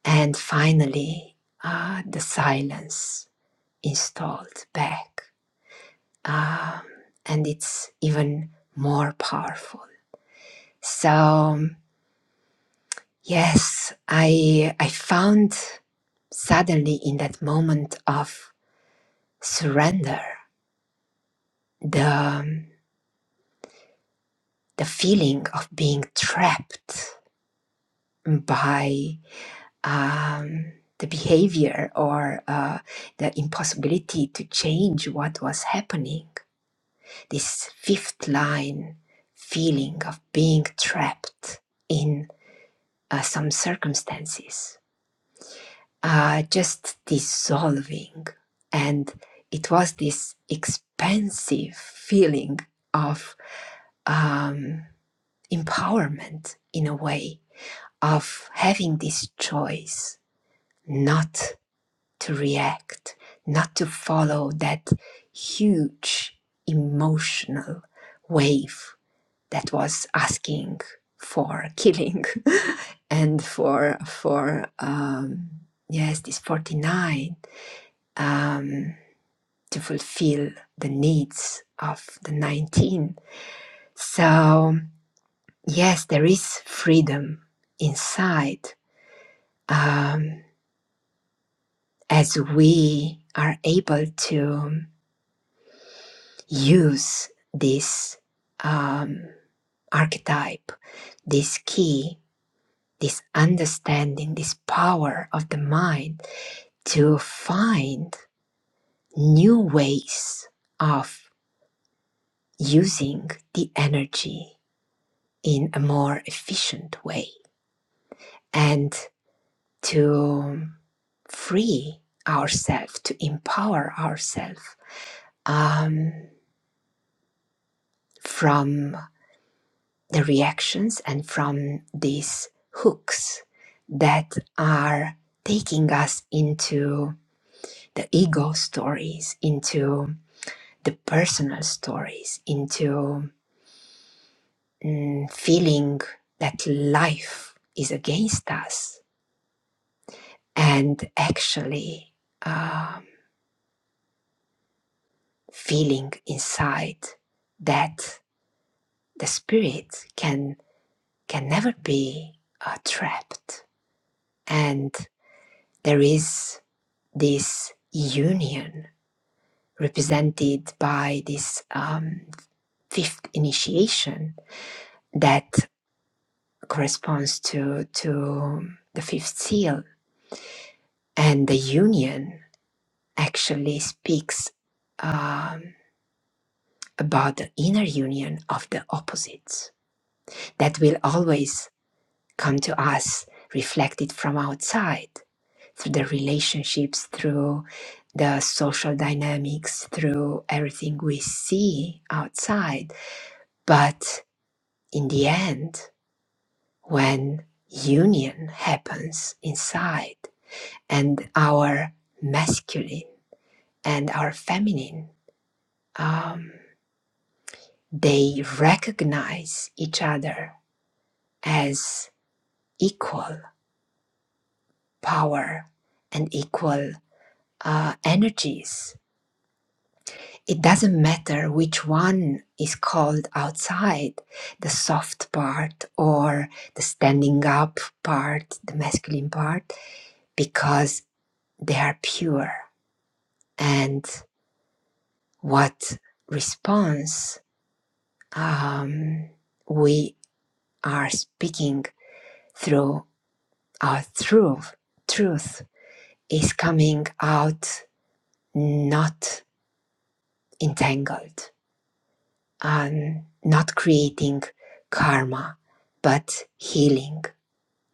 Speaker 2: And finally, uh, the silence installed back. Um, and it's even more powerful. So, um, yes, I, I found suddenly in that moment of surrender the, um, the feeling of being trapped by um, the behavior or uh, the impossibility to change what was happening this fifth line feeling of being trapped in uh, some circumstances, uh, just dissolving. And it was this expansive feeling of um, empowerment in a way, of having this choice not to react, not to follow that huge emotional wave that was asking for killing and for for um, yes this 49 um, to fulfill the needs of the 19 so yes there is freedom inside um, as we are able to use this um, archetype this key this understanding, this power of the mind to find new ways of using the energy in a more efficient way and to free ourselves, to empower ourselves um, from the reactions and from these hooks that are taking us into the ego stories, into the personal stories into mm, feeling that life is against us and actually um, feeling inside that the spirit can can never be uh, trapped and there is this union represented by this um, fifth initiation that corresponds to to the fifth seal And the union actually speaks um, about the inner union of the opposites that will always come to us reflected from outside through the relationships, through the social dynamics, through everything we see outside. But in the end, when union happens inside and our masculine and our feminine, um, They recognize each other as equal power and equal uh, energies. It doesn't matter which one is called outside the soft part or the standing up part, the masculine part, because they are pure. And what response um, we are speaking through our truth, truth is coming out not entangled, um, not creating karma, but healing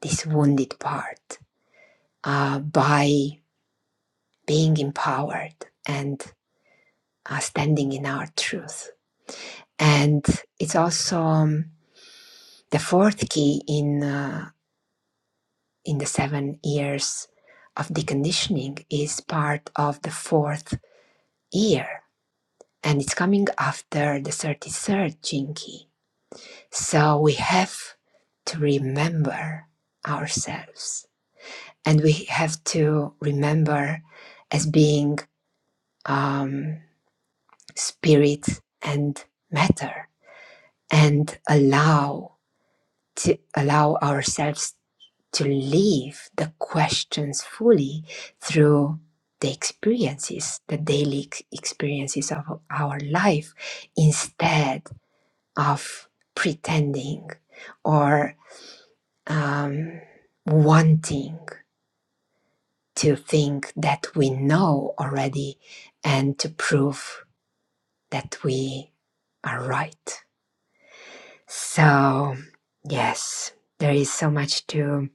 Speaker 2: this wounded part uh, by being empowered and uh, standing in our truth. And it's also um, the fourth key in uh, in the seven years of deconditioning is part of the fourth year, and it's coming after the thirty-third jinki So we have to remember ourselves and we have to remember as being um, spirit and matter and allow to allow ourselves to live the questions fully through the experiences the daily experiences of our life instead of pretending or. um, wanting to think that we know already and to prove that we are right. So, yes, there is so much to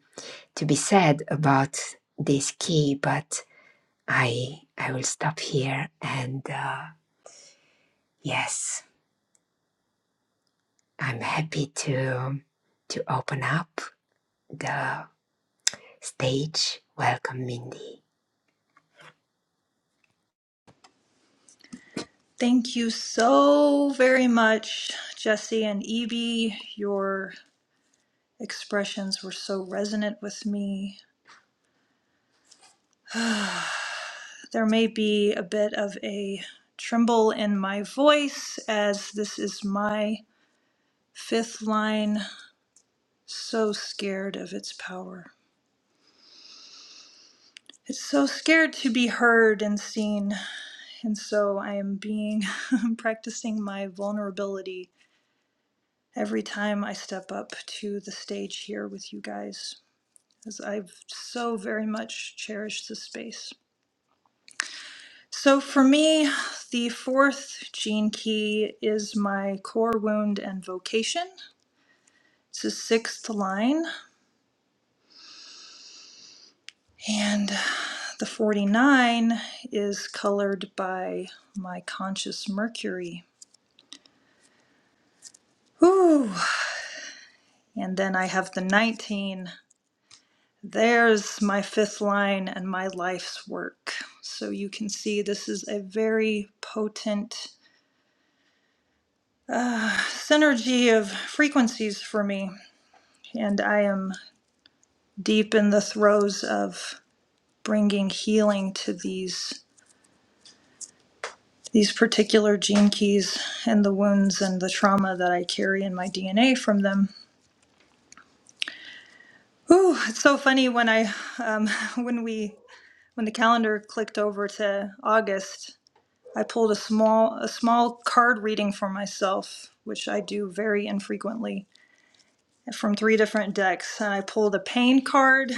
Speaker 2: to be said about this key, but I I will stop here and uh, yes, I'm happy to to open up the stage. Welcome, Mindy.
Speaker 3: Thank you so very much, Jesse and Evie. Your expressions were so resonant with me. There may be a bit of a tremble in my voice as this is my fifth line. So scared of its power. It's so scared to be heard and seen. And so I am being practicing my vulnerability every time I step up to the stage here with you guys. as I've so very much cherished the space. So for me, the fourth gene key is my core wound and vocation. It's the sixth line, and the 49 is colored by my conscious Mercury. Whew. And then I have the 19. There's my fifth line and my life's work. So you can see this is a very potent synergy of frequencies for me, and I am deep in the throes of bringing healing to these these particular gene keys and the wounds and the trauma that I carry in my DNA from them. Ooh, it's so funny when I when we when the calendar clicked over to August, I pulled a small a small card reading for myself, which I do very infrequently from three different decks. And I pulled a pain card,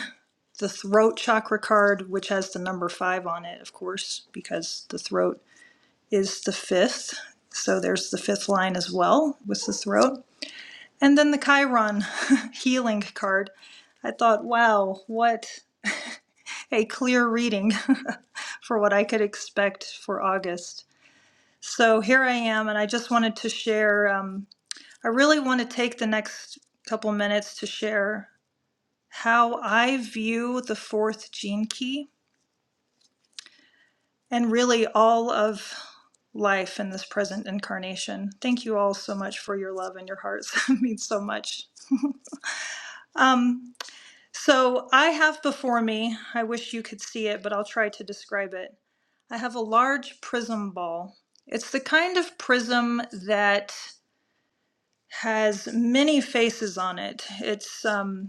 Speaker 3: the throat chakra card, which has the number five on it, of course, because the throat is the fifth. So there's the fifth line as well with the throat. And then the Chiron healing card. I thought, wow, what a clear reading for what I could expect for August. So here I am, and I just wanted to share. Um, I really want to take the next couple minutes to share. how I view the fourth gene key and really all of life in this present incarnation. Thank you all so much for your love and your hearts. it means so much. Um, so I have before me, I wish you could see it, but I'll try to describe it. I have a large prism ball. It's the kind of prism that has many faces on it. It's um,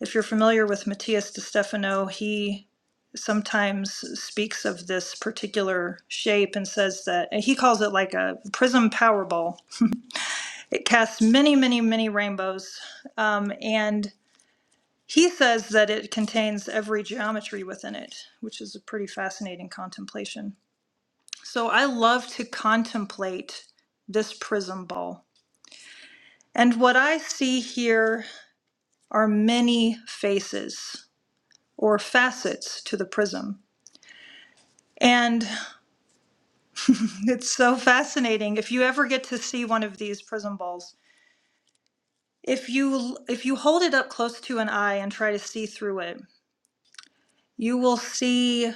Speaker 3: If you're familiar with Matthias de Stefano, he sometimes speaks of this particular shape and says that and he calls it like a prism powerball. It casts many, many, many rainbows, um, and he says that it contains every geometry within it, which is a pretty fascinating contemplation. So I love to contemplate this prism ball. And what I see here are many faces or facets to the prism. And it's so fascinating. If you ever get to see one of these prism balls, if you if you hold it up close to an eye and try to see through it, you will see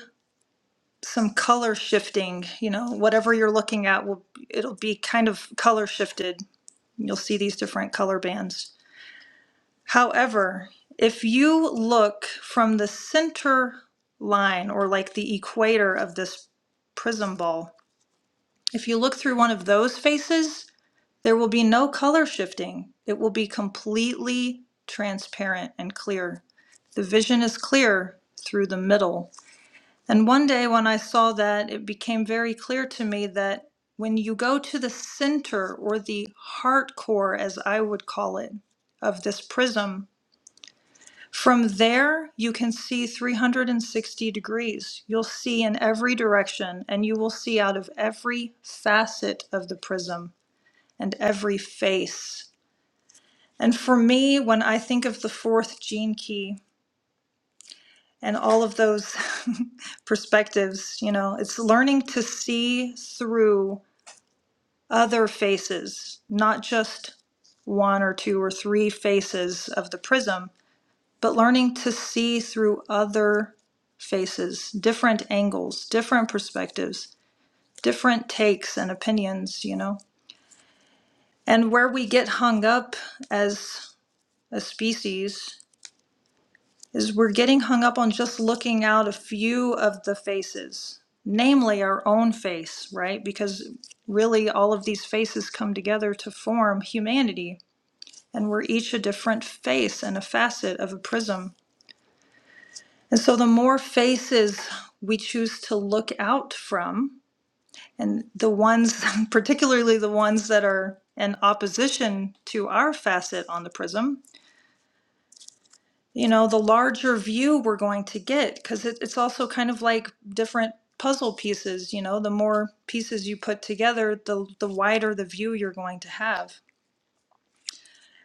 Speaker 3: some color shifting, you know, whatever you're looking at will it'll be kind of color shifted. You'll see these different color bands. However, if you look from the center line or like the equator of this prism ball, if you look through one of those faces, There will be no color shifting. It will be completely transparent and clear. The vision is clear through the middle. And one day when I saw that, it became very clear to me that when you go to the center or the heart core, as I would call it, of this prism, from there you can see 360 degrees. You'll see in every direction and you will see out of every facet of the prism and every face. And for me, when I think of the fourth gene key and all of those perspectives, you know, it's learning to see through other faces, not just one or two or three faces of the prism, but learning to see through other faces, different angles, different perspectives, different takes and opinions, you know. And where we get hung up as a species is we're getting hung up on just looking out a few of the faces, namely our own face, right? Because really all of these faces come together to form humanity, and we're each a different face and a facet of a prism. And so the more faces we choose to look out from, and the ones, particularly the ones that are in opposition to our facet on the prism, you know, the larger view we're going to get because it, it's also kind of like different puzzle pieces. You know, the more pieces you put together, the the wider the view you're going to have.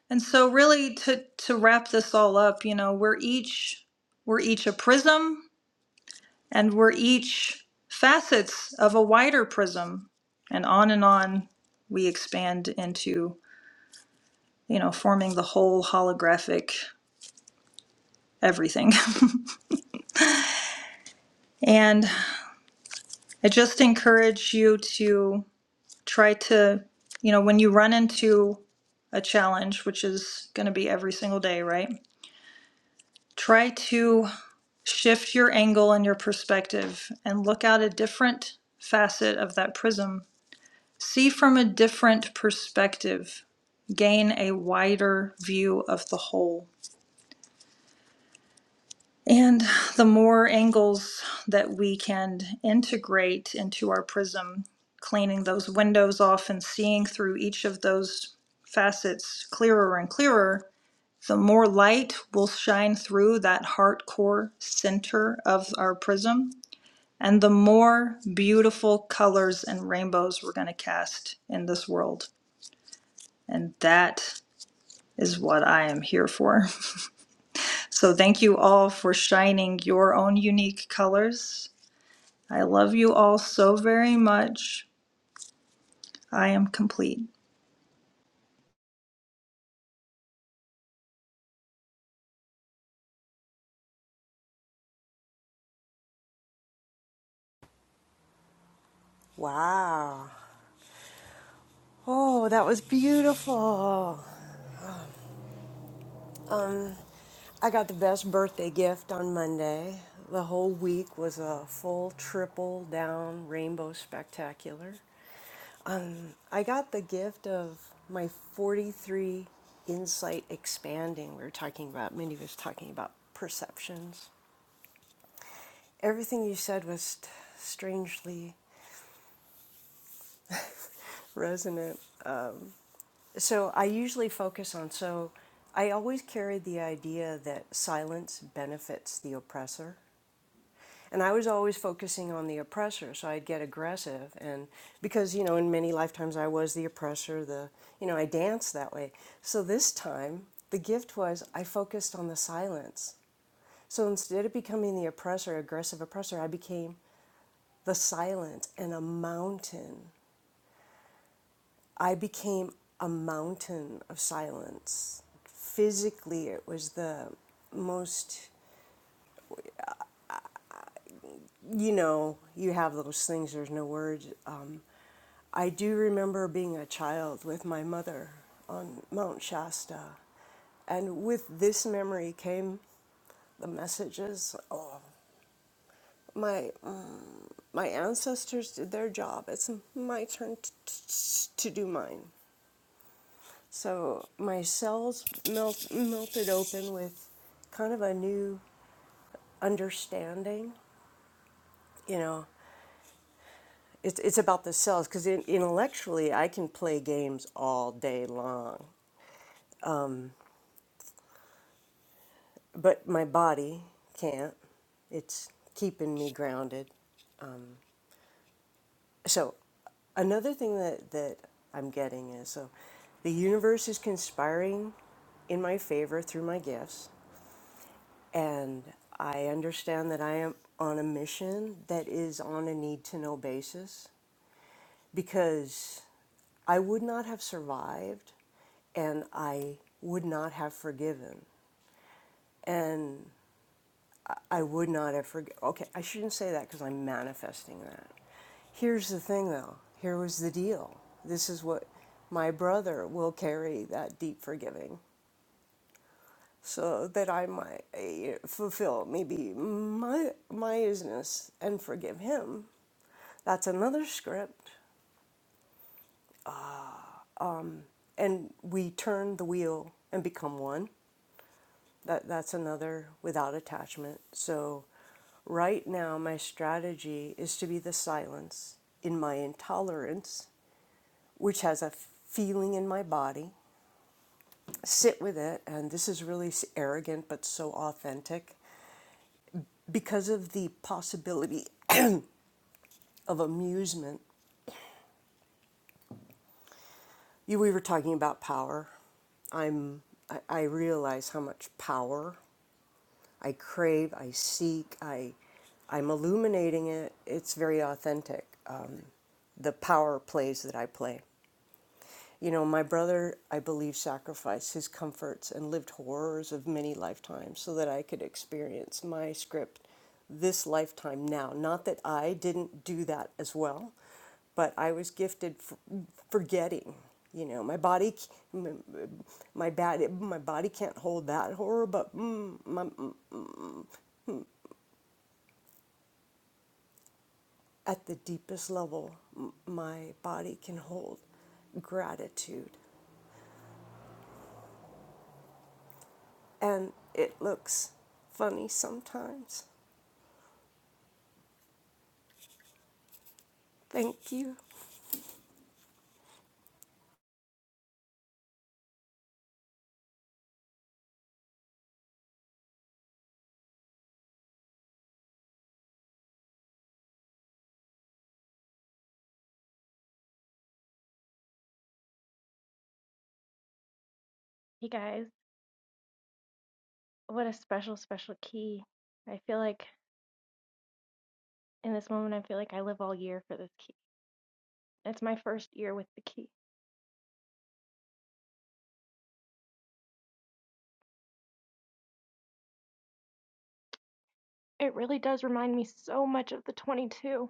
Speaker 3: And so, really, to to wrap this all up, you know, we're each we're each a prism, and we're each facets of a wider prism, and on and on we expand into you know forming the whole holographic everything. and I just encourage you to try to, you know, when you run into a challenge, which is going to be every single day, right? Try to shift your angle and your perspective and look out a different facet of that prism. See from a different perspective, gain a wider view of the whole. And the more angles that we can integrate into our prism, cleaning those windows off and seeing through each of those facets clearer and clearer, the more light will shine through that heart core center of our prism. And the more beautiful colors and rainbows we're going to cast in this world. And that is what I am here for. So, thank you all for shining your own unique colors I love you all so very much. I am complete.
Speaker 4: Wow. Oh, that was beautiful. Um, I got the best birthday gift on Monday. The whole week was a full triple down rainbow spectacular. Um, I got the gift of my 43 insight expanding. We were talking about, Mindy was talking about perceptions. Everything you said was st- strangely resonant. So I usually focus on, so I always carried the idea that silence benefits the oppressor. And I was always focusing on the oppressor, so I'd get aggressive. And because, you know, in many lifetimes I was the oppressor, the, you know, I danced that way. So this time, the gift was I focused on the silence. So instead of becoming the oppressor, aggressive oppressor, I became the silence and a mountain I became a mountain of silence. Physically, it was the most, you know, you have those things, there's no words. Um, I do remember being a child with my mother on Mount Shasta. And with this memory came the messages. Oh, my, um, my ancestors did their job. It's my turn t- t- to do mine. So my cells melt, melted open with kind of a new understanding. You know, it's, it's about the cells because intellectually I can play games all day long, but my body can't. It's keeping me grounded. So another thing that, that I'm getting is so the universe is conspiring in my favor through my gifts. And I understand that I am on a mission that is on a need to know basis because I would not have survived and I would not have forgiven. And I would not have forgiven. Okay, I shouldn't say that because I'm manifesting that. Here's the thing though here was the deal. This is what my brother will carry that deep forgiving. so that I might eh, fulfill maybe my my business and forgive him. That's another script, and we turn the wheel and become one. That that's another without attachment. So, right now my strategy is to be the silence in my intolerance, which has a feeling in my body. Sit with it, and this is really arrogant but so authentic because of the possibility of amusement You, we were talking about power. I'm, I, I realize how much power I crave, I seek, I, I'm illuminating it. It's very authentic, um, the power plays that I play. You know, my brother, I believe, sacrificed his comforts and lived horrors of many lifetimes so that I could experience my script this lifetime now. Not that I didn't do that as well, but I was gifted for forgetting. You know, my body, my bad, my body can't hold that horror, but mm, my, at the deepest level, my body can hold gratitude, and it looks funny sometimes Thank you.
Speaker 5: Hey guys, what a special, special key. I feel like in this moment, I feel like I live all year for this key. It's my first year with the key. It really does remind me so much of the 22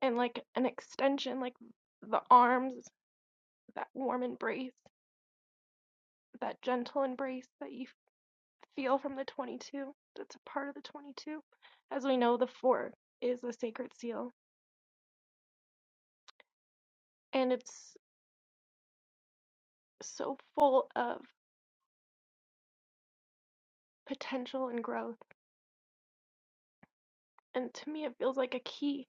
Speaker 5: and like an extension, like the arms, that warm embrace, that gentle embrace that you feel from the 22. That's a part of the 22. As we know, the four is the sacred seal, and it's so full of potential and growth. And to me, it feels like a key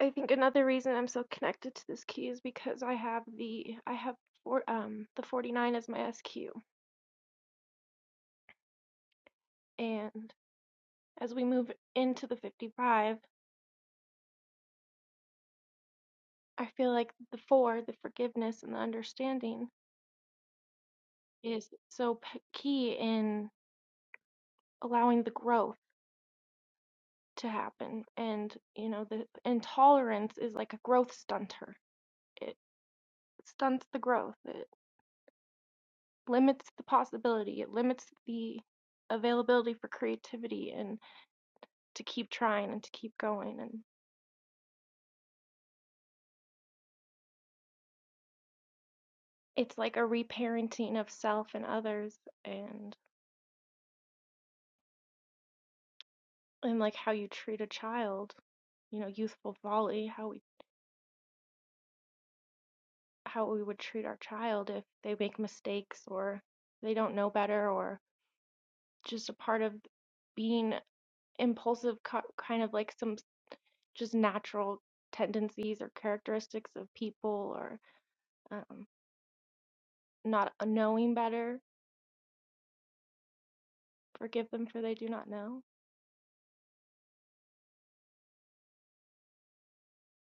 Speaker 5: I think another reason I'm so connected to this key is because I have the I have four um the 49 as my SQ and as we move into the 55 I feel like the four the forgiveness and the understanding is so p- key in allowing the growth to happen and you know the intolerance is like a growth stunter it stunts the growth it limits the possibility it limits the availability for creativity and. to keep trying and to keep going and it's like a reparenting of self and others and and like how you treat a child you know youthful folly how we how we would treat our child if they make mistakes or they don't know better or just a part of being impulsive kind of like some just natural tendencies or characteristics of people or um, not knowing better forgive them for they do not know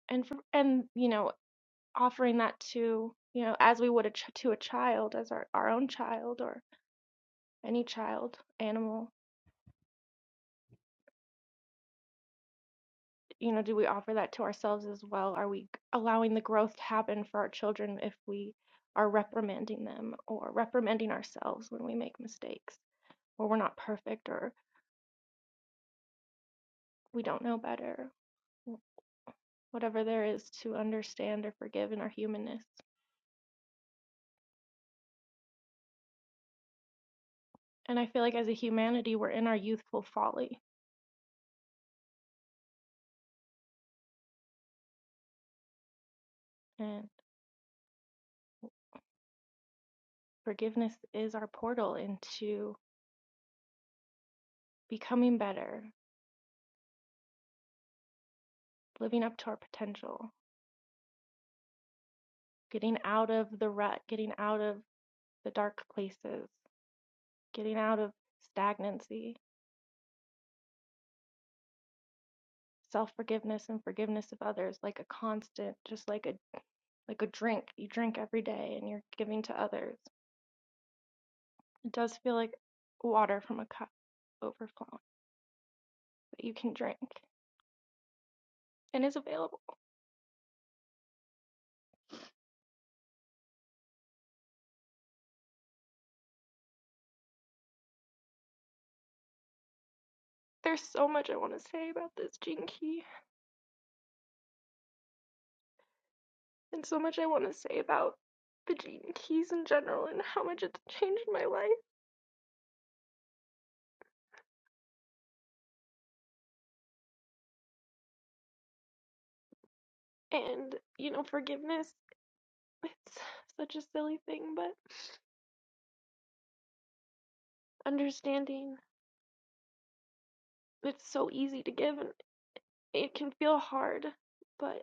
Speaker 5: and for and you know offering that to you know as we would a ch- to a child as our, our own child or any child animal you know do we offer that to ourselves as well are we allowing the growth to happen for our children if we are reprimanding them or reprimanding ourselves when we make mistakes or we're not perfect or we don't know better whatever there is to understand or forgive in our humanness and i feel like as a humanity we're in our youthful folly and forgiveness is our portal into becoming better, living up to our potential, getting out of the rut, getting out of the dark places, getting out of stagnancy, self-forgiveness and forgiveness of others like a constant, just like a like a drink. You drink every day and you're giving to others. It does feel like water from a cup overflowing that you can drink and is available. There's so much I want to say about this gene key and so much I want to say about the gene keys in general and how much it's changed my life And, you know, forgiveness, it's such a silly thing, but understanding it's so easy to give and it can feel hard, but,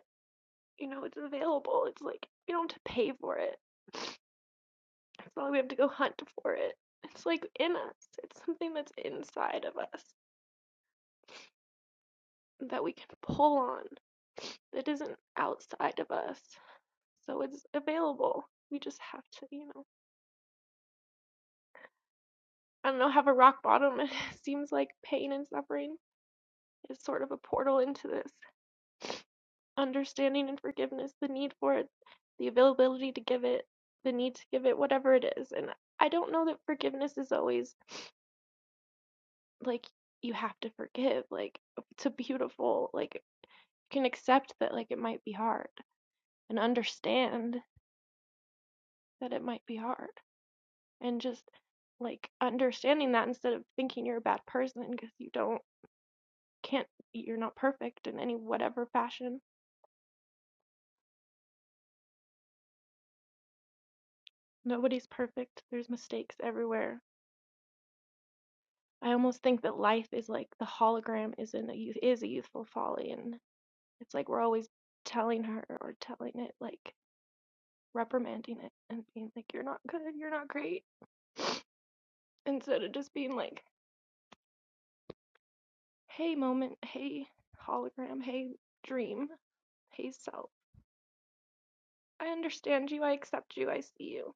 Speaker 5: you know, it's available. It's like we don't have to pay for it. It's not like we have to go hunt for it. It's like in us, it's something that's inside of us that we can pull on that isn't outside of us. So it's available. We just have to, you know, I don't know, have a rock bottom. It seems like pain and suffering is sort of a portal into this understanding and forgiveness, the need for it, the availability to give it, the need to give it, whatever it is. And I don't know that forgiveness is always like you have to forgive, like to beautiful, like you can accept that like it might be hard and understand that it might be hard and just like understanding that instead of thinking you're a bad person because you don't can't you're not perfect in any whatever fashion. Nobody's perfect. There's mistakes everywhere I almost think that life is like the hologram is in a youth is a youthful folly, and it's like we're always telling her or telling it like reprimanding it and being like you're not good, you're not great, instead of just being like, hey moment, hey hologram, hey dream, hey self, I understand you, I accept you, I see you,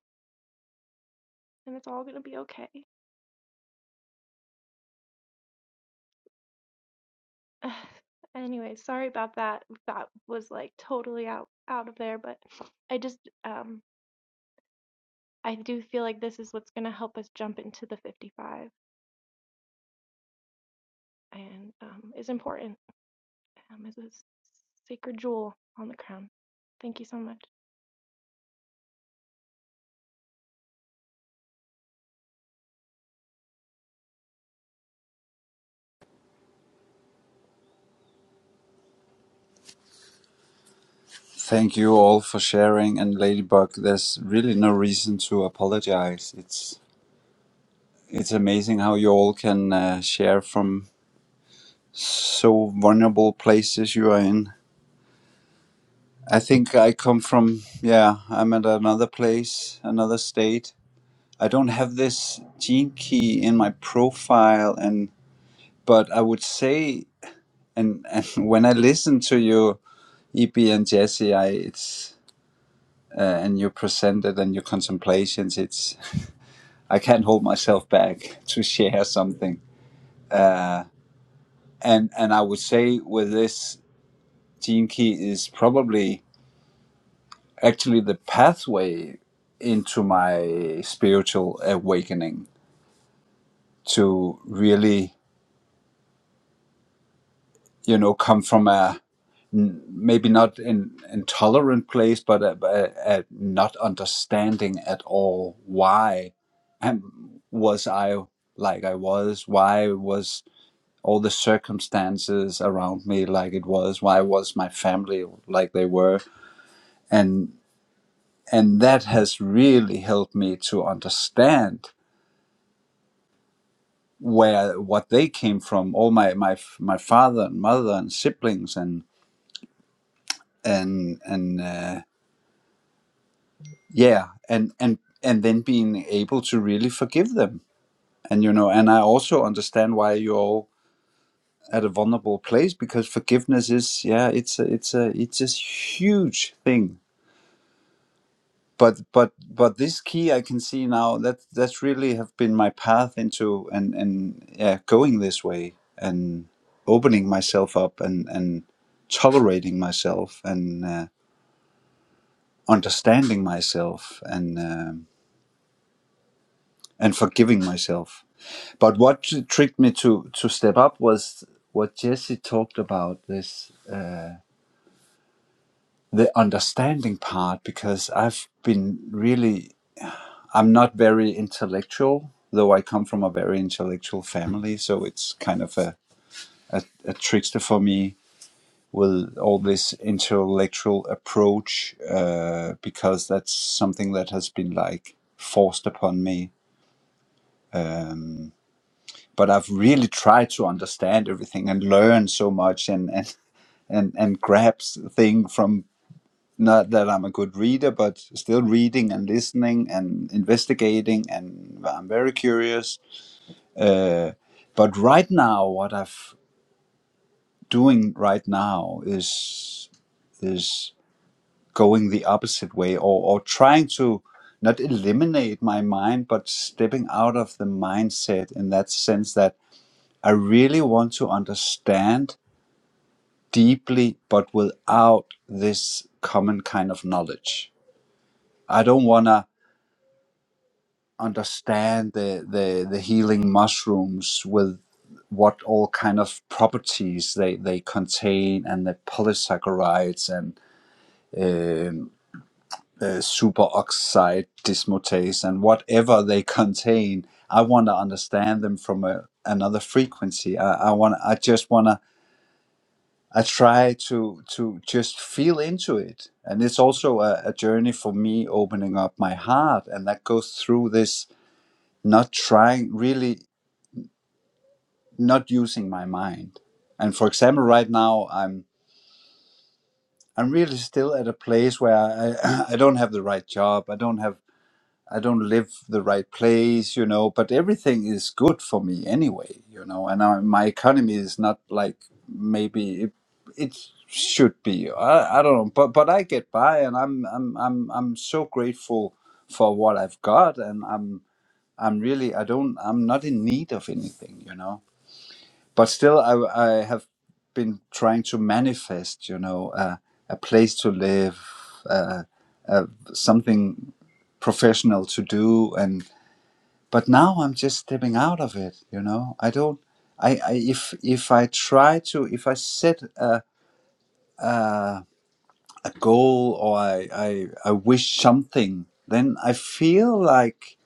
Speaker 5: and it's all gonna be okay. anyway, sorry about that. That was like totally out out of there, but I just um I do feel like this is what's going to help us jump into the 55 and um, is important um, as a sacred jewel on the crown. Thank you so much.
Speaker 6: Thank you all for sharing. And Ladybug, there's really no reason to apologize. It's it's amazing how you all can uh, share from so vulnerable places you are in. I think I come from yeah. I'm at another place, another state. I don't have this gene key in my profile, and but I would say, and, and when I listen to you, EP and Jesse, I it's uh, and your presented and your contemplations, it's. I can't hold myself back to share something. Uh, and and I would say with this gene key is probably actually the pathway into my spiritual awakening to really you know come from a maybe not an intolerant place but a, a, a not understanding at all why and was I like I was why was all the circumstances around me like it was why was my family like they were and and that has really helped me to understand where what they came from all my my my father and mother and siblings and and and uh, yeah and and and then being able to really forgive them and you know and i also understand why you're all at a vulnerable place because forgiveness is yeah it's a, it's a it's a huge thing but but but this key I can see now that that's really have been my path into and and yeah going this way and opening myself up and and tolerating myself and uh, understanding myself and um, and forgiving myself. But what tr- tricked me to to step up was what Jesse talked about this uh, the understanding part because I've been really I'm not very intellectual, though I come from a very intellectual family, so it's kind of a, a, a trickster for me with all this intellectual approach uh, because that's something that has been like forced upon me. Um, but I've really tried to understand everything and learn so much and and and, and grab s- thing from not that I'm a good reader, but still reading and listening and investigating, and I'm very curious Uh, but right now, what I'm doing right now is is going the opposite way, or or trying to not eliminate my mind, but stepping out of the mindset in that sense that I really want to understand deeply, but without this common kind of knowledge. I don't wanna. understand the, the, the healing mushrooms with what all kind of properties they, they contain and the polysaccharides and um, uh, superoxide dismutase and whatever they contain i want to understand them from a, another frequency i, I want i just want to i try to to just feel into it and it's also a, a journey for me opening up my heart and that goes through this not trying really not using my mind. And for example, right now I'm I'm really still at a place where I I don't have the right job. I don't have I don't live the right place, you know. But everything is good for me anyway, you know. And I, my economy is not like maybe it, it should be. I, I don't know, but but I get by, and I'm I'm I'm I'm so grateful for what I've got, and I'm I'm really I don't I'm not in need of anything, you know but still I, I have been trying to manifest you know uh, a place to live uh, something professional to do and but now i'm just stepping out of it you know i don't I, I if if i try to if i set a, a goal or I, I i wish something then i feel like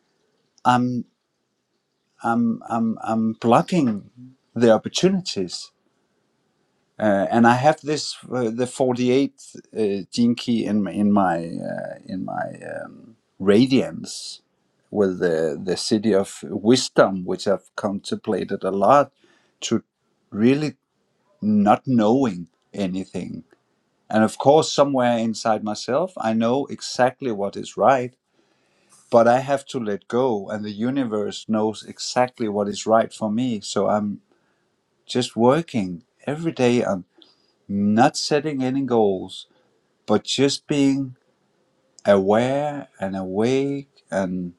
Speaker 6: i'm i'm i'm, I'm blocking the opportunities uh, and I have this uh, the 48th uh, gene key in my in my uh, in my um, radiance with the the city of wisdom, which I've contemplated a lot to really not knowing anything. And of course, somewhere inside myself, I know exactly what is right, but I have to let go, and the universe knows exactly what is right for me. So I'm just working every day on not setting any goals, but just being aware and awake and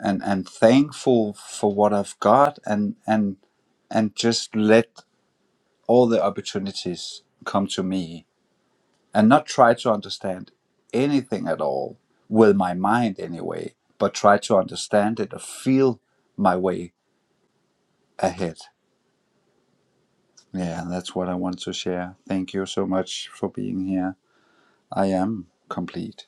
Speaker 6: and and thankful for what I've got and and and just let all the opportunities come to me and not try to understand anything at all with my mind anyway, but try to understand it or feel my way ahead. Yeah, that's what I want to share. Thank you so much for being here. I am complete.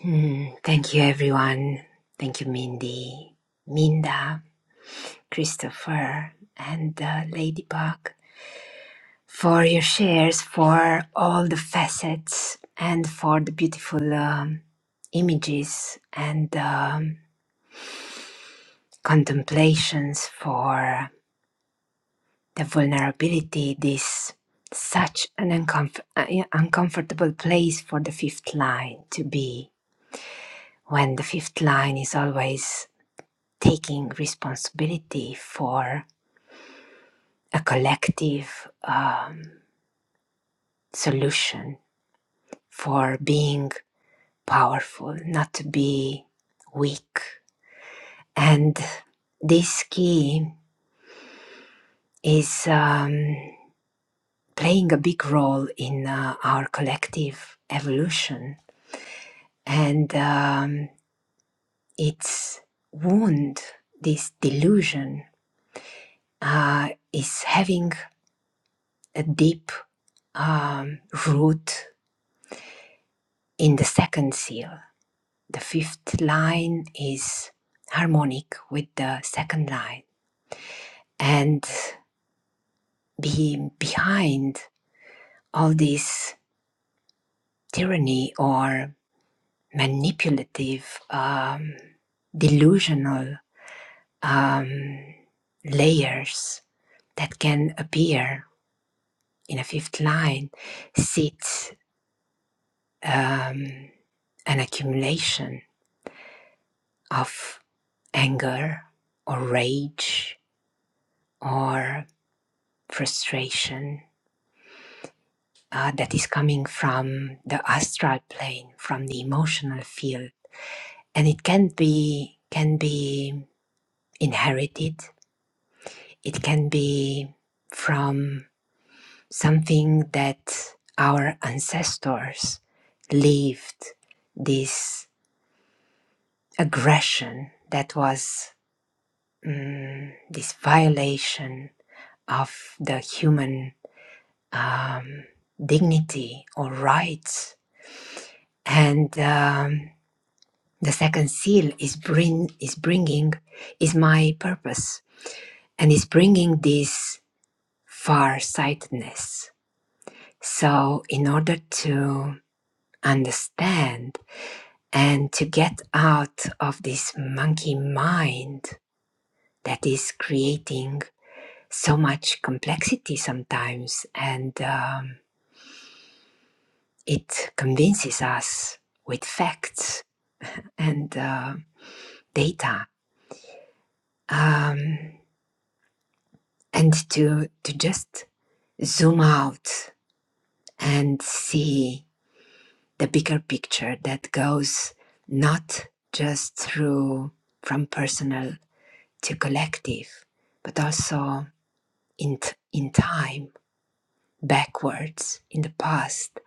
Speaker 2: Hmm, Thank you, everyone. Thank you, Mindy, Minda, Christopher, and uh, Ladybug for your shares, for all the facets, and for the beautiful um, images and um, contemplations for the vulnerability. This such an uncomf- uh, yeah, uncomfortable place for the fifth line to be when the fifth line is always taking responsibility for a collective um, solution, for being powerful, not to be weak. And this key is um, playing a big role in uh, our collective evolution. And um, its wound, this delusion, uh, is having a deep um, root in the second seal The fifth line is harmonic with the second line. And being behind all this tyranny or manipulative, um, delusional um, layers that can appear in a fifth line sits um, an accumulation of anger or rage or frustration uh, that is coming from the astral plane, from the emotional field, and it can be can be inherited. It can be from something that our ancestors lived. This aggression that was mm, this violation of the human um, dignity or rights, and. Um, The second seal is bring is bringing is my purpose and is bringing this far-sightedness. So in order to understand and to get out of this monkey mind that is creating so much complexity sometimes and um, it convinces us with facts and uh, data um, and to to just zoom out and see the bigger picture that goes not just through from personal to collective, but also in, t- in time, backwards in the past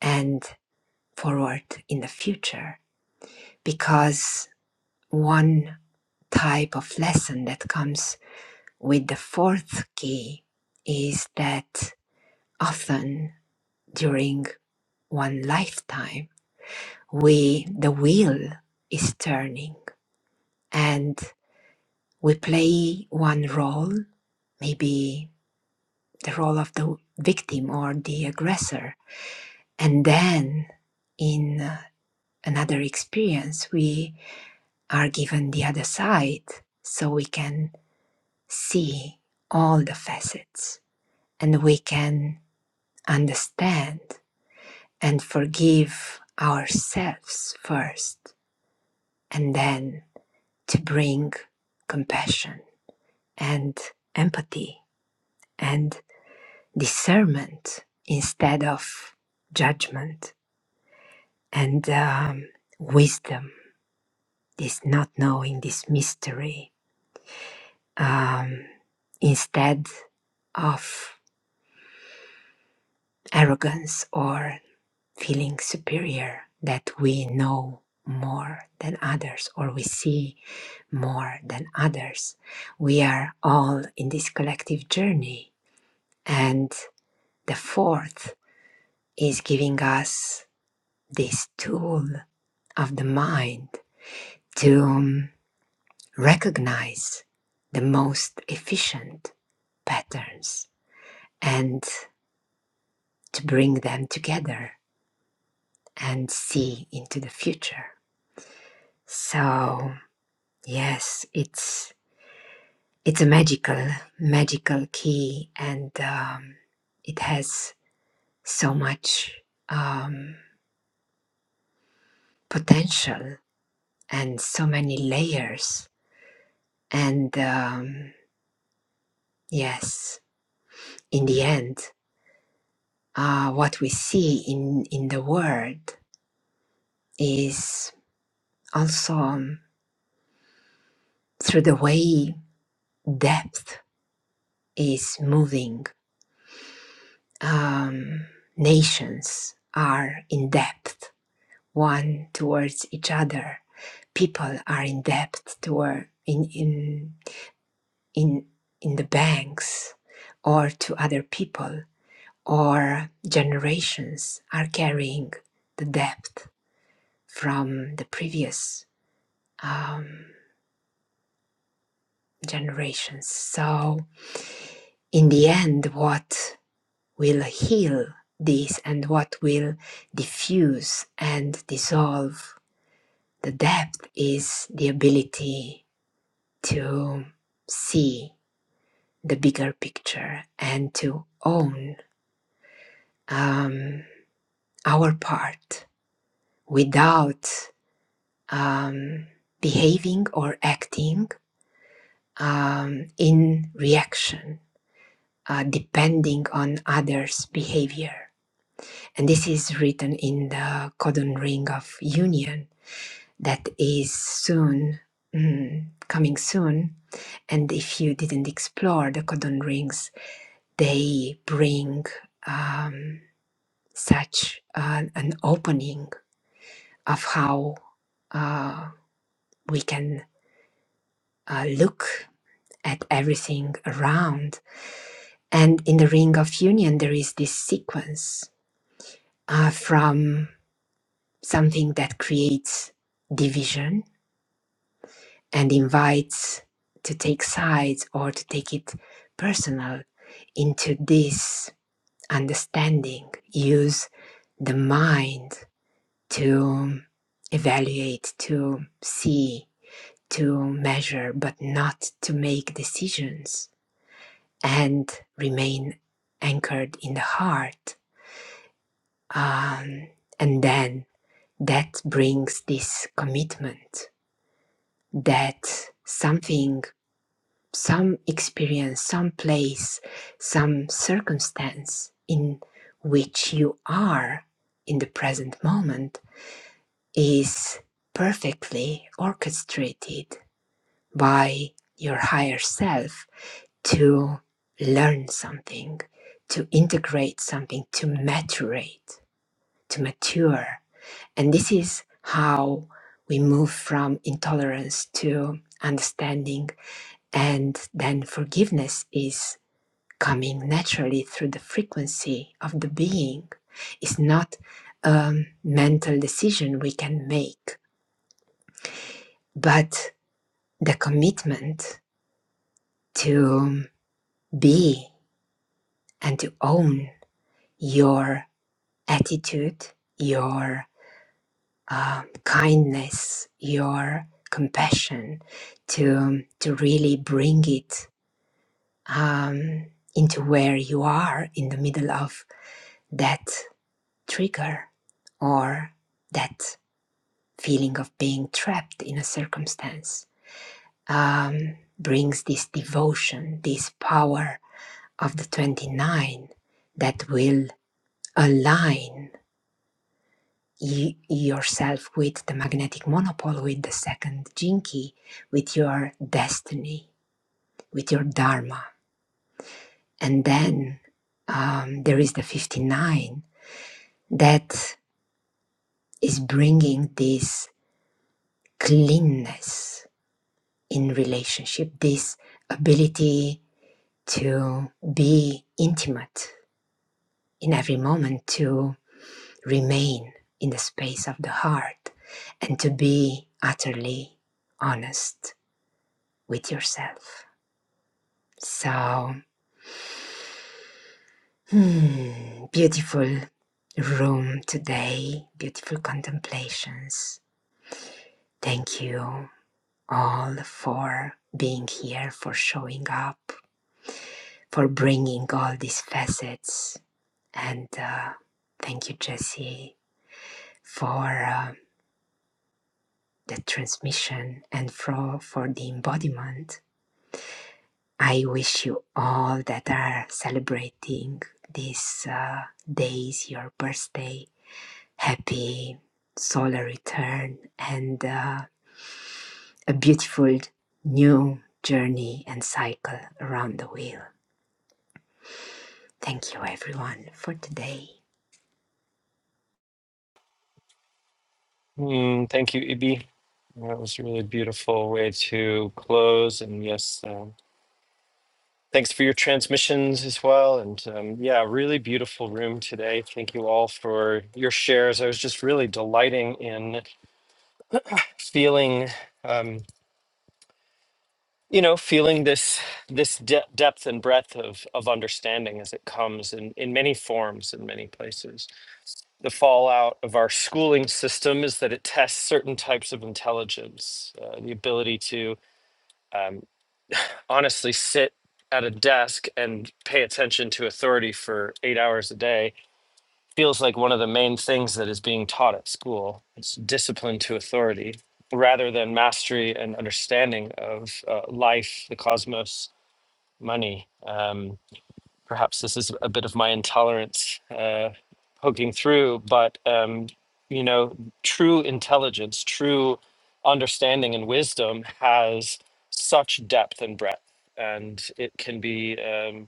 Speaker 2: and forward in the future. Because one type of lesson that comes with the fourth key is that often during one lifetime, we the wheel is turning and we play one role maybe the role of the victim or the aggressor and then in uh, another experience we are given the other side so we can see all the facets and we can understand and forgive ourselves first and then to bring compassion and empathy and discernment instead of judgment and um, wisdom, this not knowing, this mystery, um, instead of arrogance or feeling superior that we know more than others or we see more than others. We are all in this collective journey. And the fourth is giving us this tool of the mind to um, recognize the most efficient patterns and to bring them together and see into the future. So, yes, it's it's a magical magical key and um, it has so much um, potential and so many layers and um, yes in the end uh, what we see in, in the world is also um, through the way depth is moving. Um, nations are in depth one towards each other. People are in depth toward in in in in the banks or to other people or generations are carrying the depth from the previous. Um, generations. So, in the end, what will heal this and what will diffuse and dissolve the depth is the ability to see the bigger picture and to own um, our part without um, behaving or acting um, in reaction, uh, depending on others' behavior And this is written in the codon ring of union that is soon mm, coming soon. And if you didn't explore the codon rings, they bring um, such an, an opening of how uh, we can uh, look at everything around. And in the ring of union, there is this sequence uh, from something that creates division and invites to take sides or to take it personal into this understanding. Use the mind to evaluate, to see, to measure, but not to make decisions and remain anchored in the heart. Um, and then that brings this commitment that something some experience, some place, some circumstance in which you are in the present moment is perfectly orchestrated by your higher self to learn something, to integrate something, to maturate, to mature. And this is how we move from intolerance to understanding and then forgiveness is coming naturally through the frequency of the being is not a mental decision we can make, but the commitment to be and to own your attitude, your uh, kindness, your compassion, to to really bring it um, into where you are in the middle of that trigger or that feeling of being trapped in a circumstance um, brings this devotion, this power of the 29 that will align y- yourself with the magnetic monopole, with the second jinki, with your destiny, with your dharma. And then um, there is the 59 that is bringing this cleanness in relationship, this ability to be intimate in every moment, to remain in the space of the heart, and to be utterly honest with yourself. So, hmm, beautiful room today, beautiful contemplations. Thank you all for being here, for showing up, for bringing all these facets. And uh, thank you, Jessie, for. uh, the transmission and flow for the embodiment. I wish you all that are celebrating these uh, days, your birthday, happy solar return and uh, a beautiful new journey and cycle around the wheel. Thank you, everyone, for today.
Speaker 1: Mm, thank you, Ibi. That was a really beautiful way to close. And yes, um, Thanks for your transmissions as well. And um, yeah, really beautiful room today. Thank you all for your shares. I was just really delighting in feeling, um, you know, feeling this this de- depth and breadth of of understanding as it comes in in many forms in many places. The fallout of our schooling system is that it tests certain types of intelligence, uh, the ability to um, honestly sit at a desk and pay attention to authority for eight hours a day feels like one of the main things that is being taught at school. It's discipline to authority rather than mastery and understanding of uh, life, the cosmos, money. Um, perhaps this is a bit of my intolerance uh, poking through, but um, you know, true intelligence, true understanding and wisdom has such depth and breadth. And it can be Um,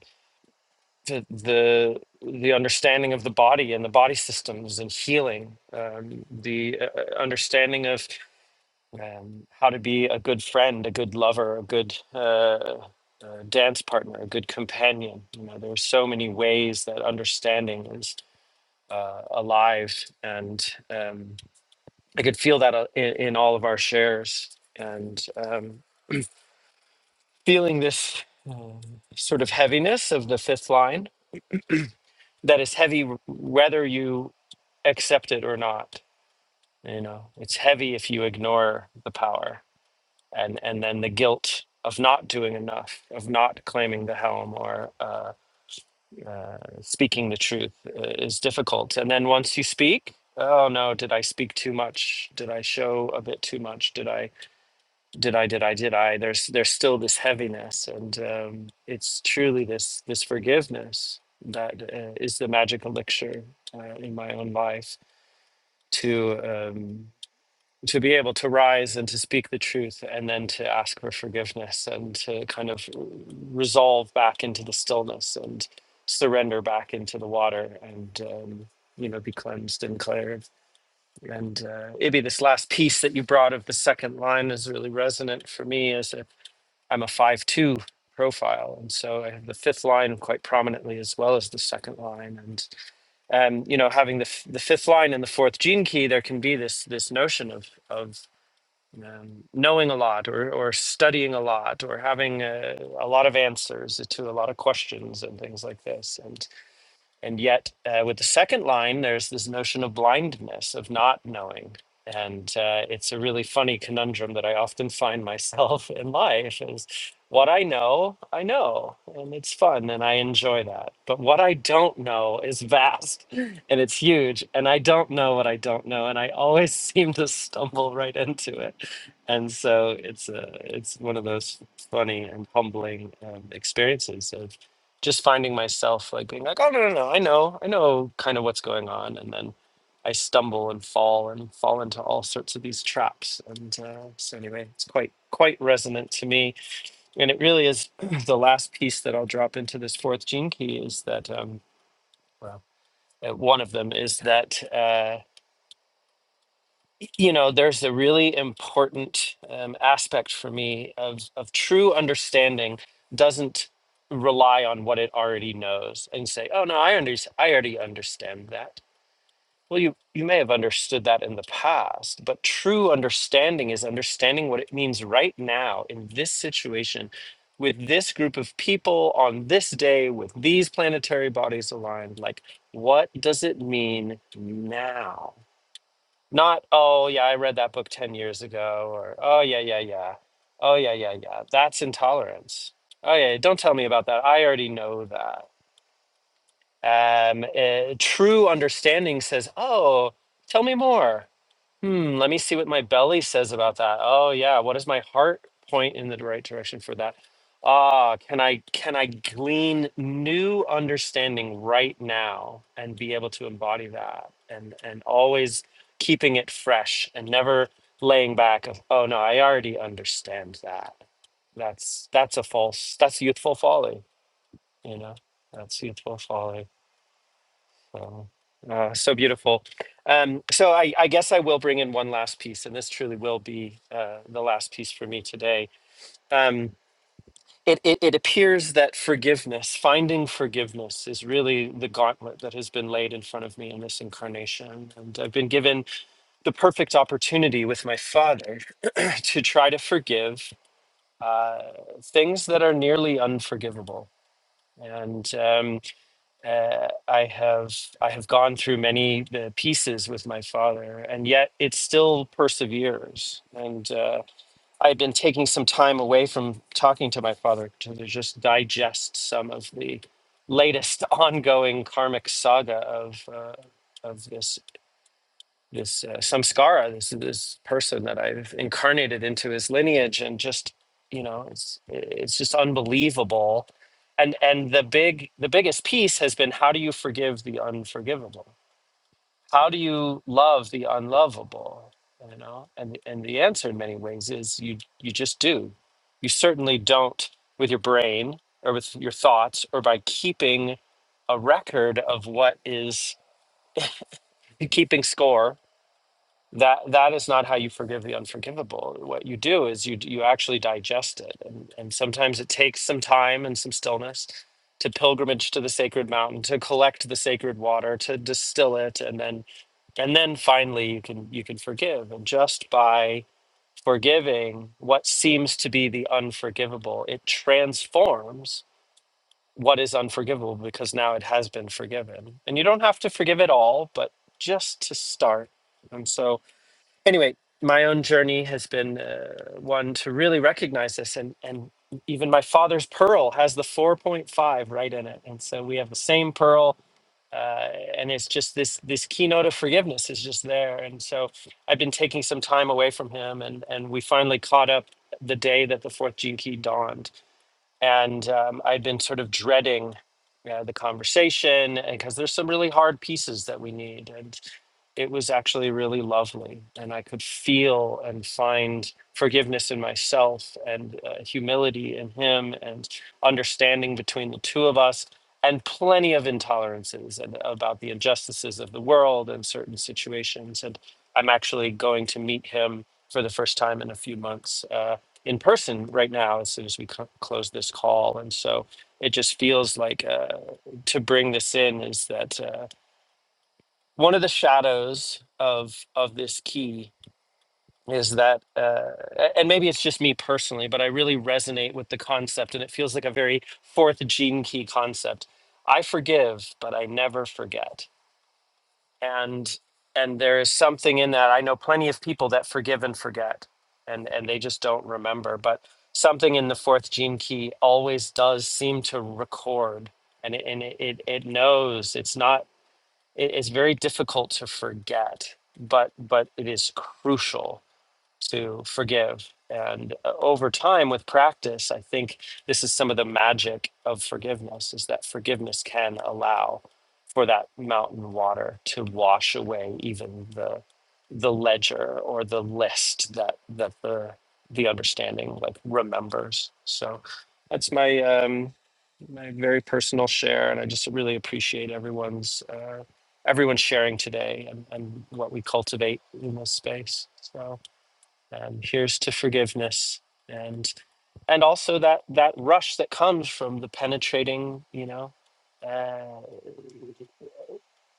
Speaker 1: the the the understanding of the body and the body systems and healing, um, the uh, uh, understanding of um, how to be a good friend, a good lover, a good uh, uh, dance partner, a good companion. You know, there are so many ways that understanding is uh, alive, and um, I could feel that uh, in, in all of our shares, and um, feeling this uh, sort of heaviness of the fifth line that is heavy w- whether you accept it or not. You know, it's heavy if you ignore the power and and then the guilt of not doing enough, of not claiming the helm or uh, uh, speaking the truth uh, is difficult. And then once you speak, oh no, did I speak too much? Did I show a bit too much? Did I? Did I? Did I? Did I? There's there's still this heaviness, and um, it's truly this this forgiveness that uh, is the magic elixir uh, in my own life to. Um, to be able to rise and to speak the truth and then to ask for forgiveness and to kind of resolve back into the stillness and surrender back into the water and um, you know be cleansed and cleared and uh, maybe this last piece that you brought of the second line is really resonant for me as a, i'm a 5-2 profile and so i have the fifth line quite prominently as well as the second line and um, you know having the, f- the fifth line and the fourth gene key there can be this this notion of of um, knowing a lot or, or studying a lot or having a, a lot of answers to a lot of questions and things like this and yet, uh, with the second line, there's this notion of blindness, of not knowing. And uh, it's a really funny conundrum that I often find myself in life is what I know, I know, and it's fun and I enjoy that. But what I don't know is vast and it's huge, and I don't know what I don't know, and I always seem to stumble right into it. And so it's a, it's one of those funny and humbling um, experiences of just finding myself like being like, oh no no no, I know, I know kind of what's going on, and then I stumble and fall and fall into all sorts of these traps. And uh, so anyway, it's quite quite resonant to me, and it really is the last piece that I'll drop into this fourth gene key is that um, well, uh, one of them is that. Uh, you know there's a really important um, aspect for me of of true understanding doesn't rely on what it already knows and say oh no i under- i already understand that well you you may have understood that in the past but true understanding is understanding what it means right now in this situation with this group of people on this day with these planetary bodies aligned like what does it mean now not, oh yeah, I read that book 10 years ago, or oh yeah, yeah, yeah. Oh yeah, yeah, yeah. That's intolerance. Oh yeah, don't tell me about that. I already know that. Um, eh, true understanding says, oh, tell me more. Hmm, let me see what my belly says about that. Oh yeah, what does my heart point in the right direction for that? Ah, can I can I glean new understanding right now and be able to embody that and and always keeping it fresh and never laying back of, oh no, I already understand that. That's that's a false that's youthful folly, you know. That's youthful folly. Oh, uh, so beautiful. Um, so I, I guess I will bring in one last piece, and this truly will be uh, the last piece for me today. Um, it, it, it appears that forgiveness, finding forgiveness, is really the gauntlet that has been laid in front of me in this incarnation. And I've been given the perfect opportunity with my father to try to forgive uh, things that are nearly unforgivable. And um, uh, I have I have gone through many uh, pieces with my father, and yet it still perseveres. And uh, I've been taking some time away from talking to my father to just digest some of the latest ongoing karmic saga of uh, of this this uh, samskara, this this person that I've incarnated into his lineage, and just you know, it's it's just unbelievable. And and the big the biggest piece has been how do you forgive the unforgivable? How do you love the unlovable? You know, and and the answer in many ways is you you just do. You certainly don't with your brain or with your thoughts or by keeping a record of what is keeping score that that is not how you forgive the unforgivable what you do is you you actually digest it and, and sometimes it takes some time and some stillness to pilgrimage to the sacred mountain to collect the sacred water to distill it and then and then finally you can you can forgive and just by forgiving what seems to be the unforgivable it transforms what is unforgivable because now it has been forgiven and you don't have to forgive it all but just to start and so anyway, my own journey has been uh, one to really recognize this, and and even my father's pearl has the 4.5 right in it, and so we have the same pearl, uh, and it's just this this keynote of forgiveness is just there, and so I've been taking some time away from him, and and we finally caught up the day that the fourth gene key dawned, and um, I'd been sort of dreading uh, the conversation because there's some really hard pieces that we need, and it was actually really lovely, and I could feel and find forgiveness in myself and uh, humility in him and understanding between the two of us and plenty of intolerances and about the injustices of the world and certain situations and i'm actually going to meet him for the first time in a few months Uh, in person right now as soon as we cl- close this call. And so it just feels like uh, to bring this in is that uh, one of the shadows of of this key is that uh, a- and maybe it's just me personally but i really resonate with the concept and it feels like a very fourth gene key concept i forgive but i never forget and and there is something in that i know plenty of people that forgive and forget and and they just don't remember but something in the fourth gene key always does seem to record and it and it it, it knows it's not it, it's very difficult to forget but but it is crucial to forgive. And uh, over time, with practice, I think this is some of the magic of forgiveness is that forgiveness can allow for that mountain water to wash away even the the ledger or the list that that the the understanding like remembers. So that's my um, my very personal share, and I just really appreciate everyone's uh, everyone sharing today and, and what we cultivate in this space. So um, here's to forgiveness and and also that that rush that comes from the penetrating you know uh,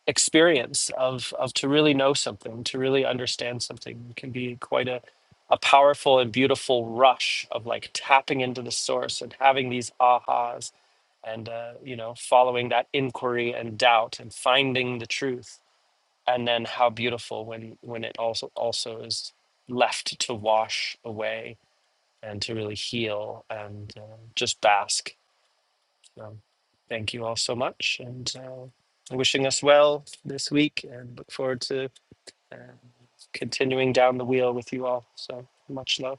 Speaker 1: experience of of to really know something to really understand something It can be quite a a powerful and beautiful rush of like tapping into the source and having these ahas and uh, you know following that inquiry and doubt and finding the truth and then how beautiful when when it also also is left to wash away and to really heal and uh, just bask. So thank you all so much and uh, wishing us well this week and look forward to uh, continuing down the wheel with you all. So much love.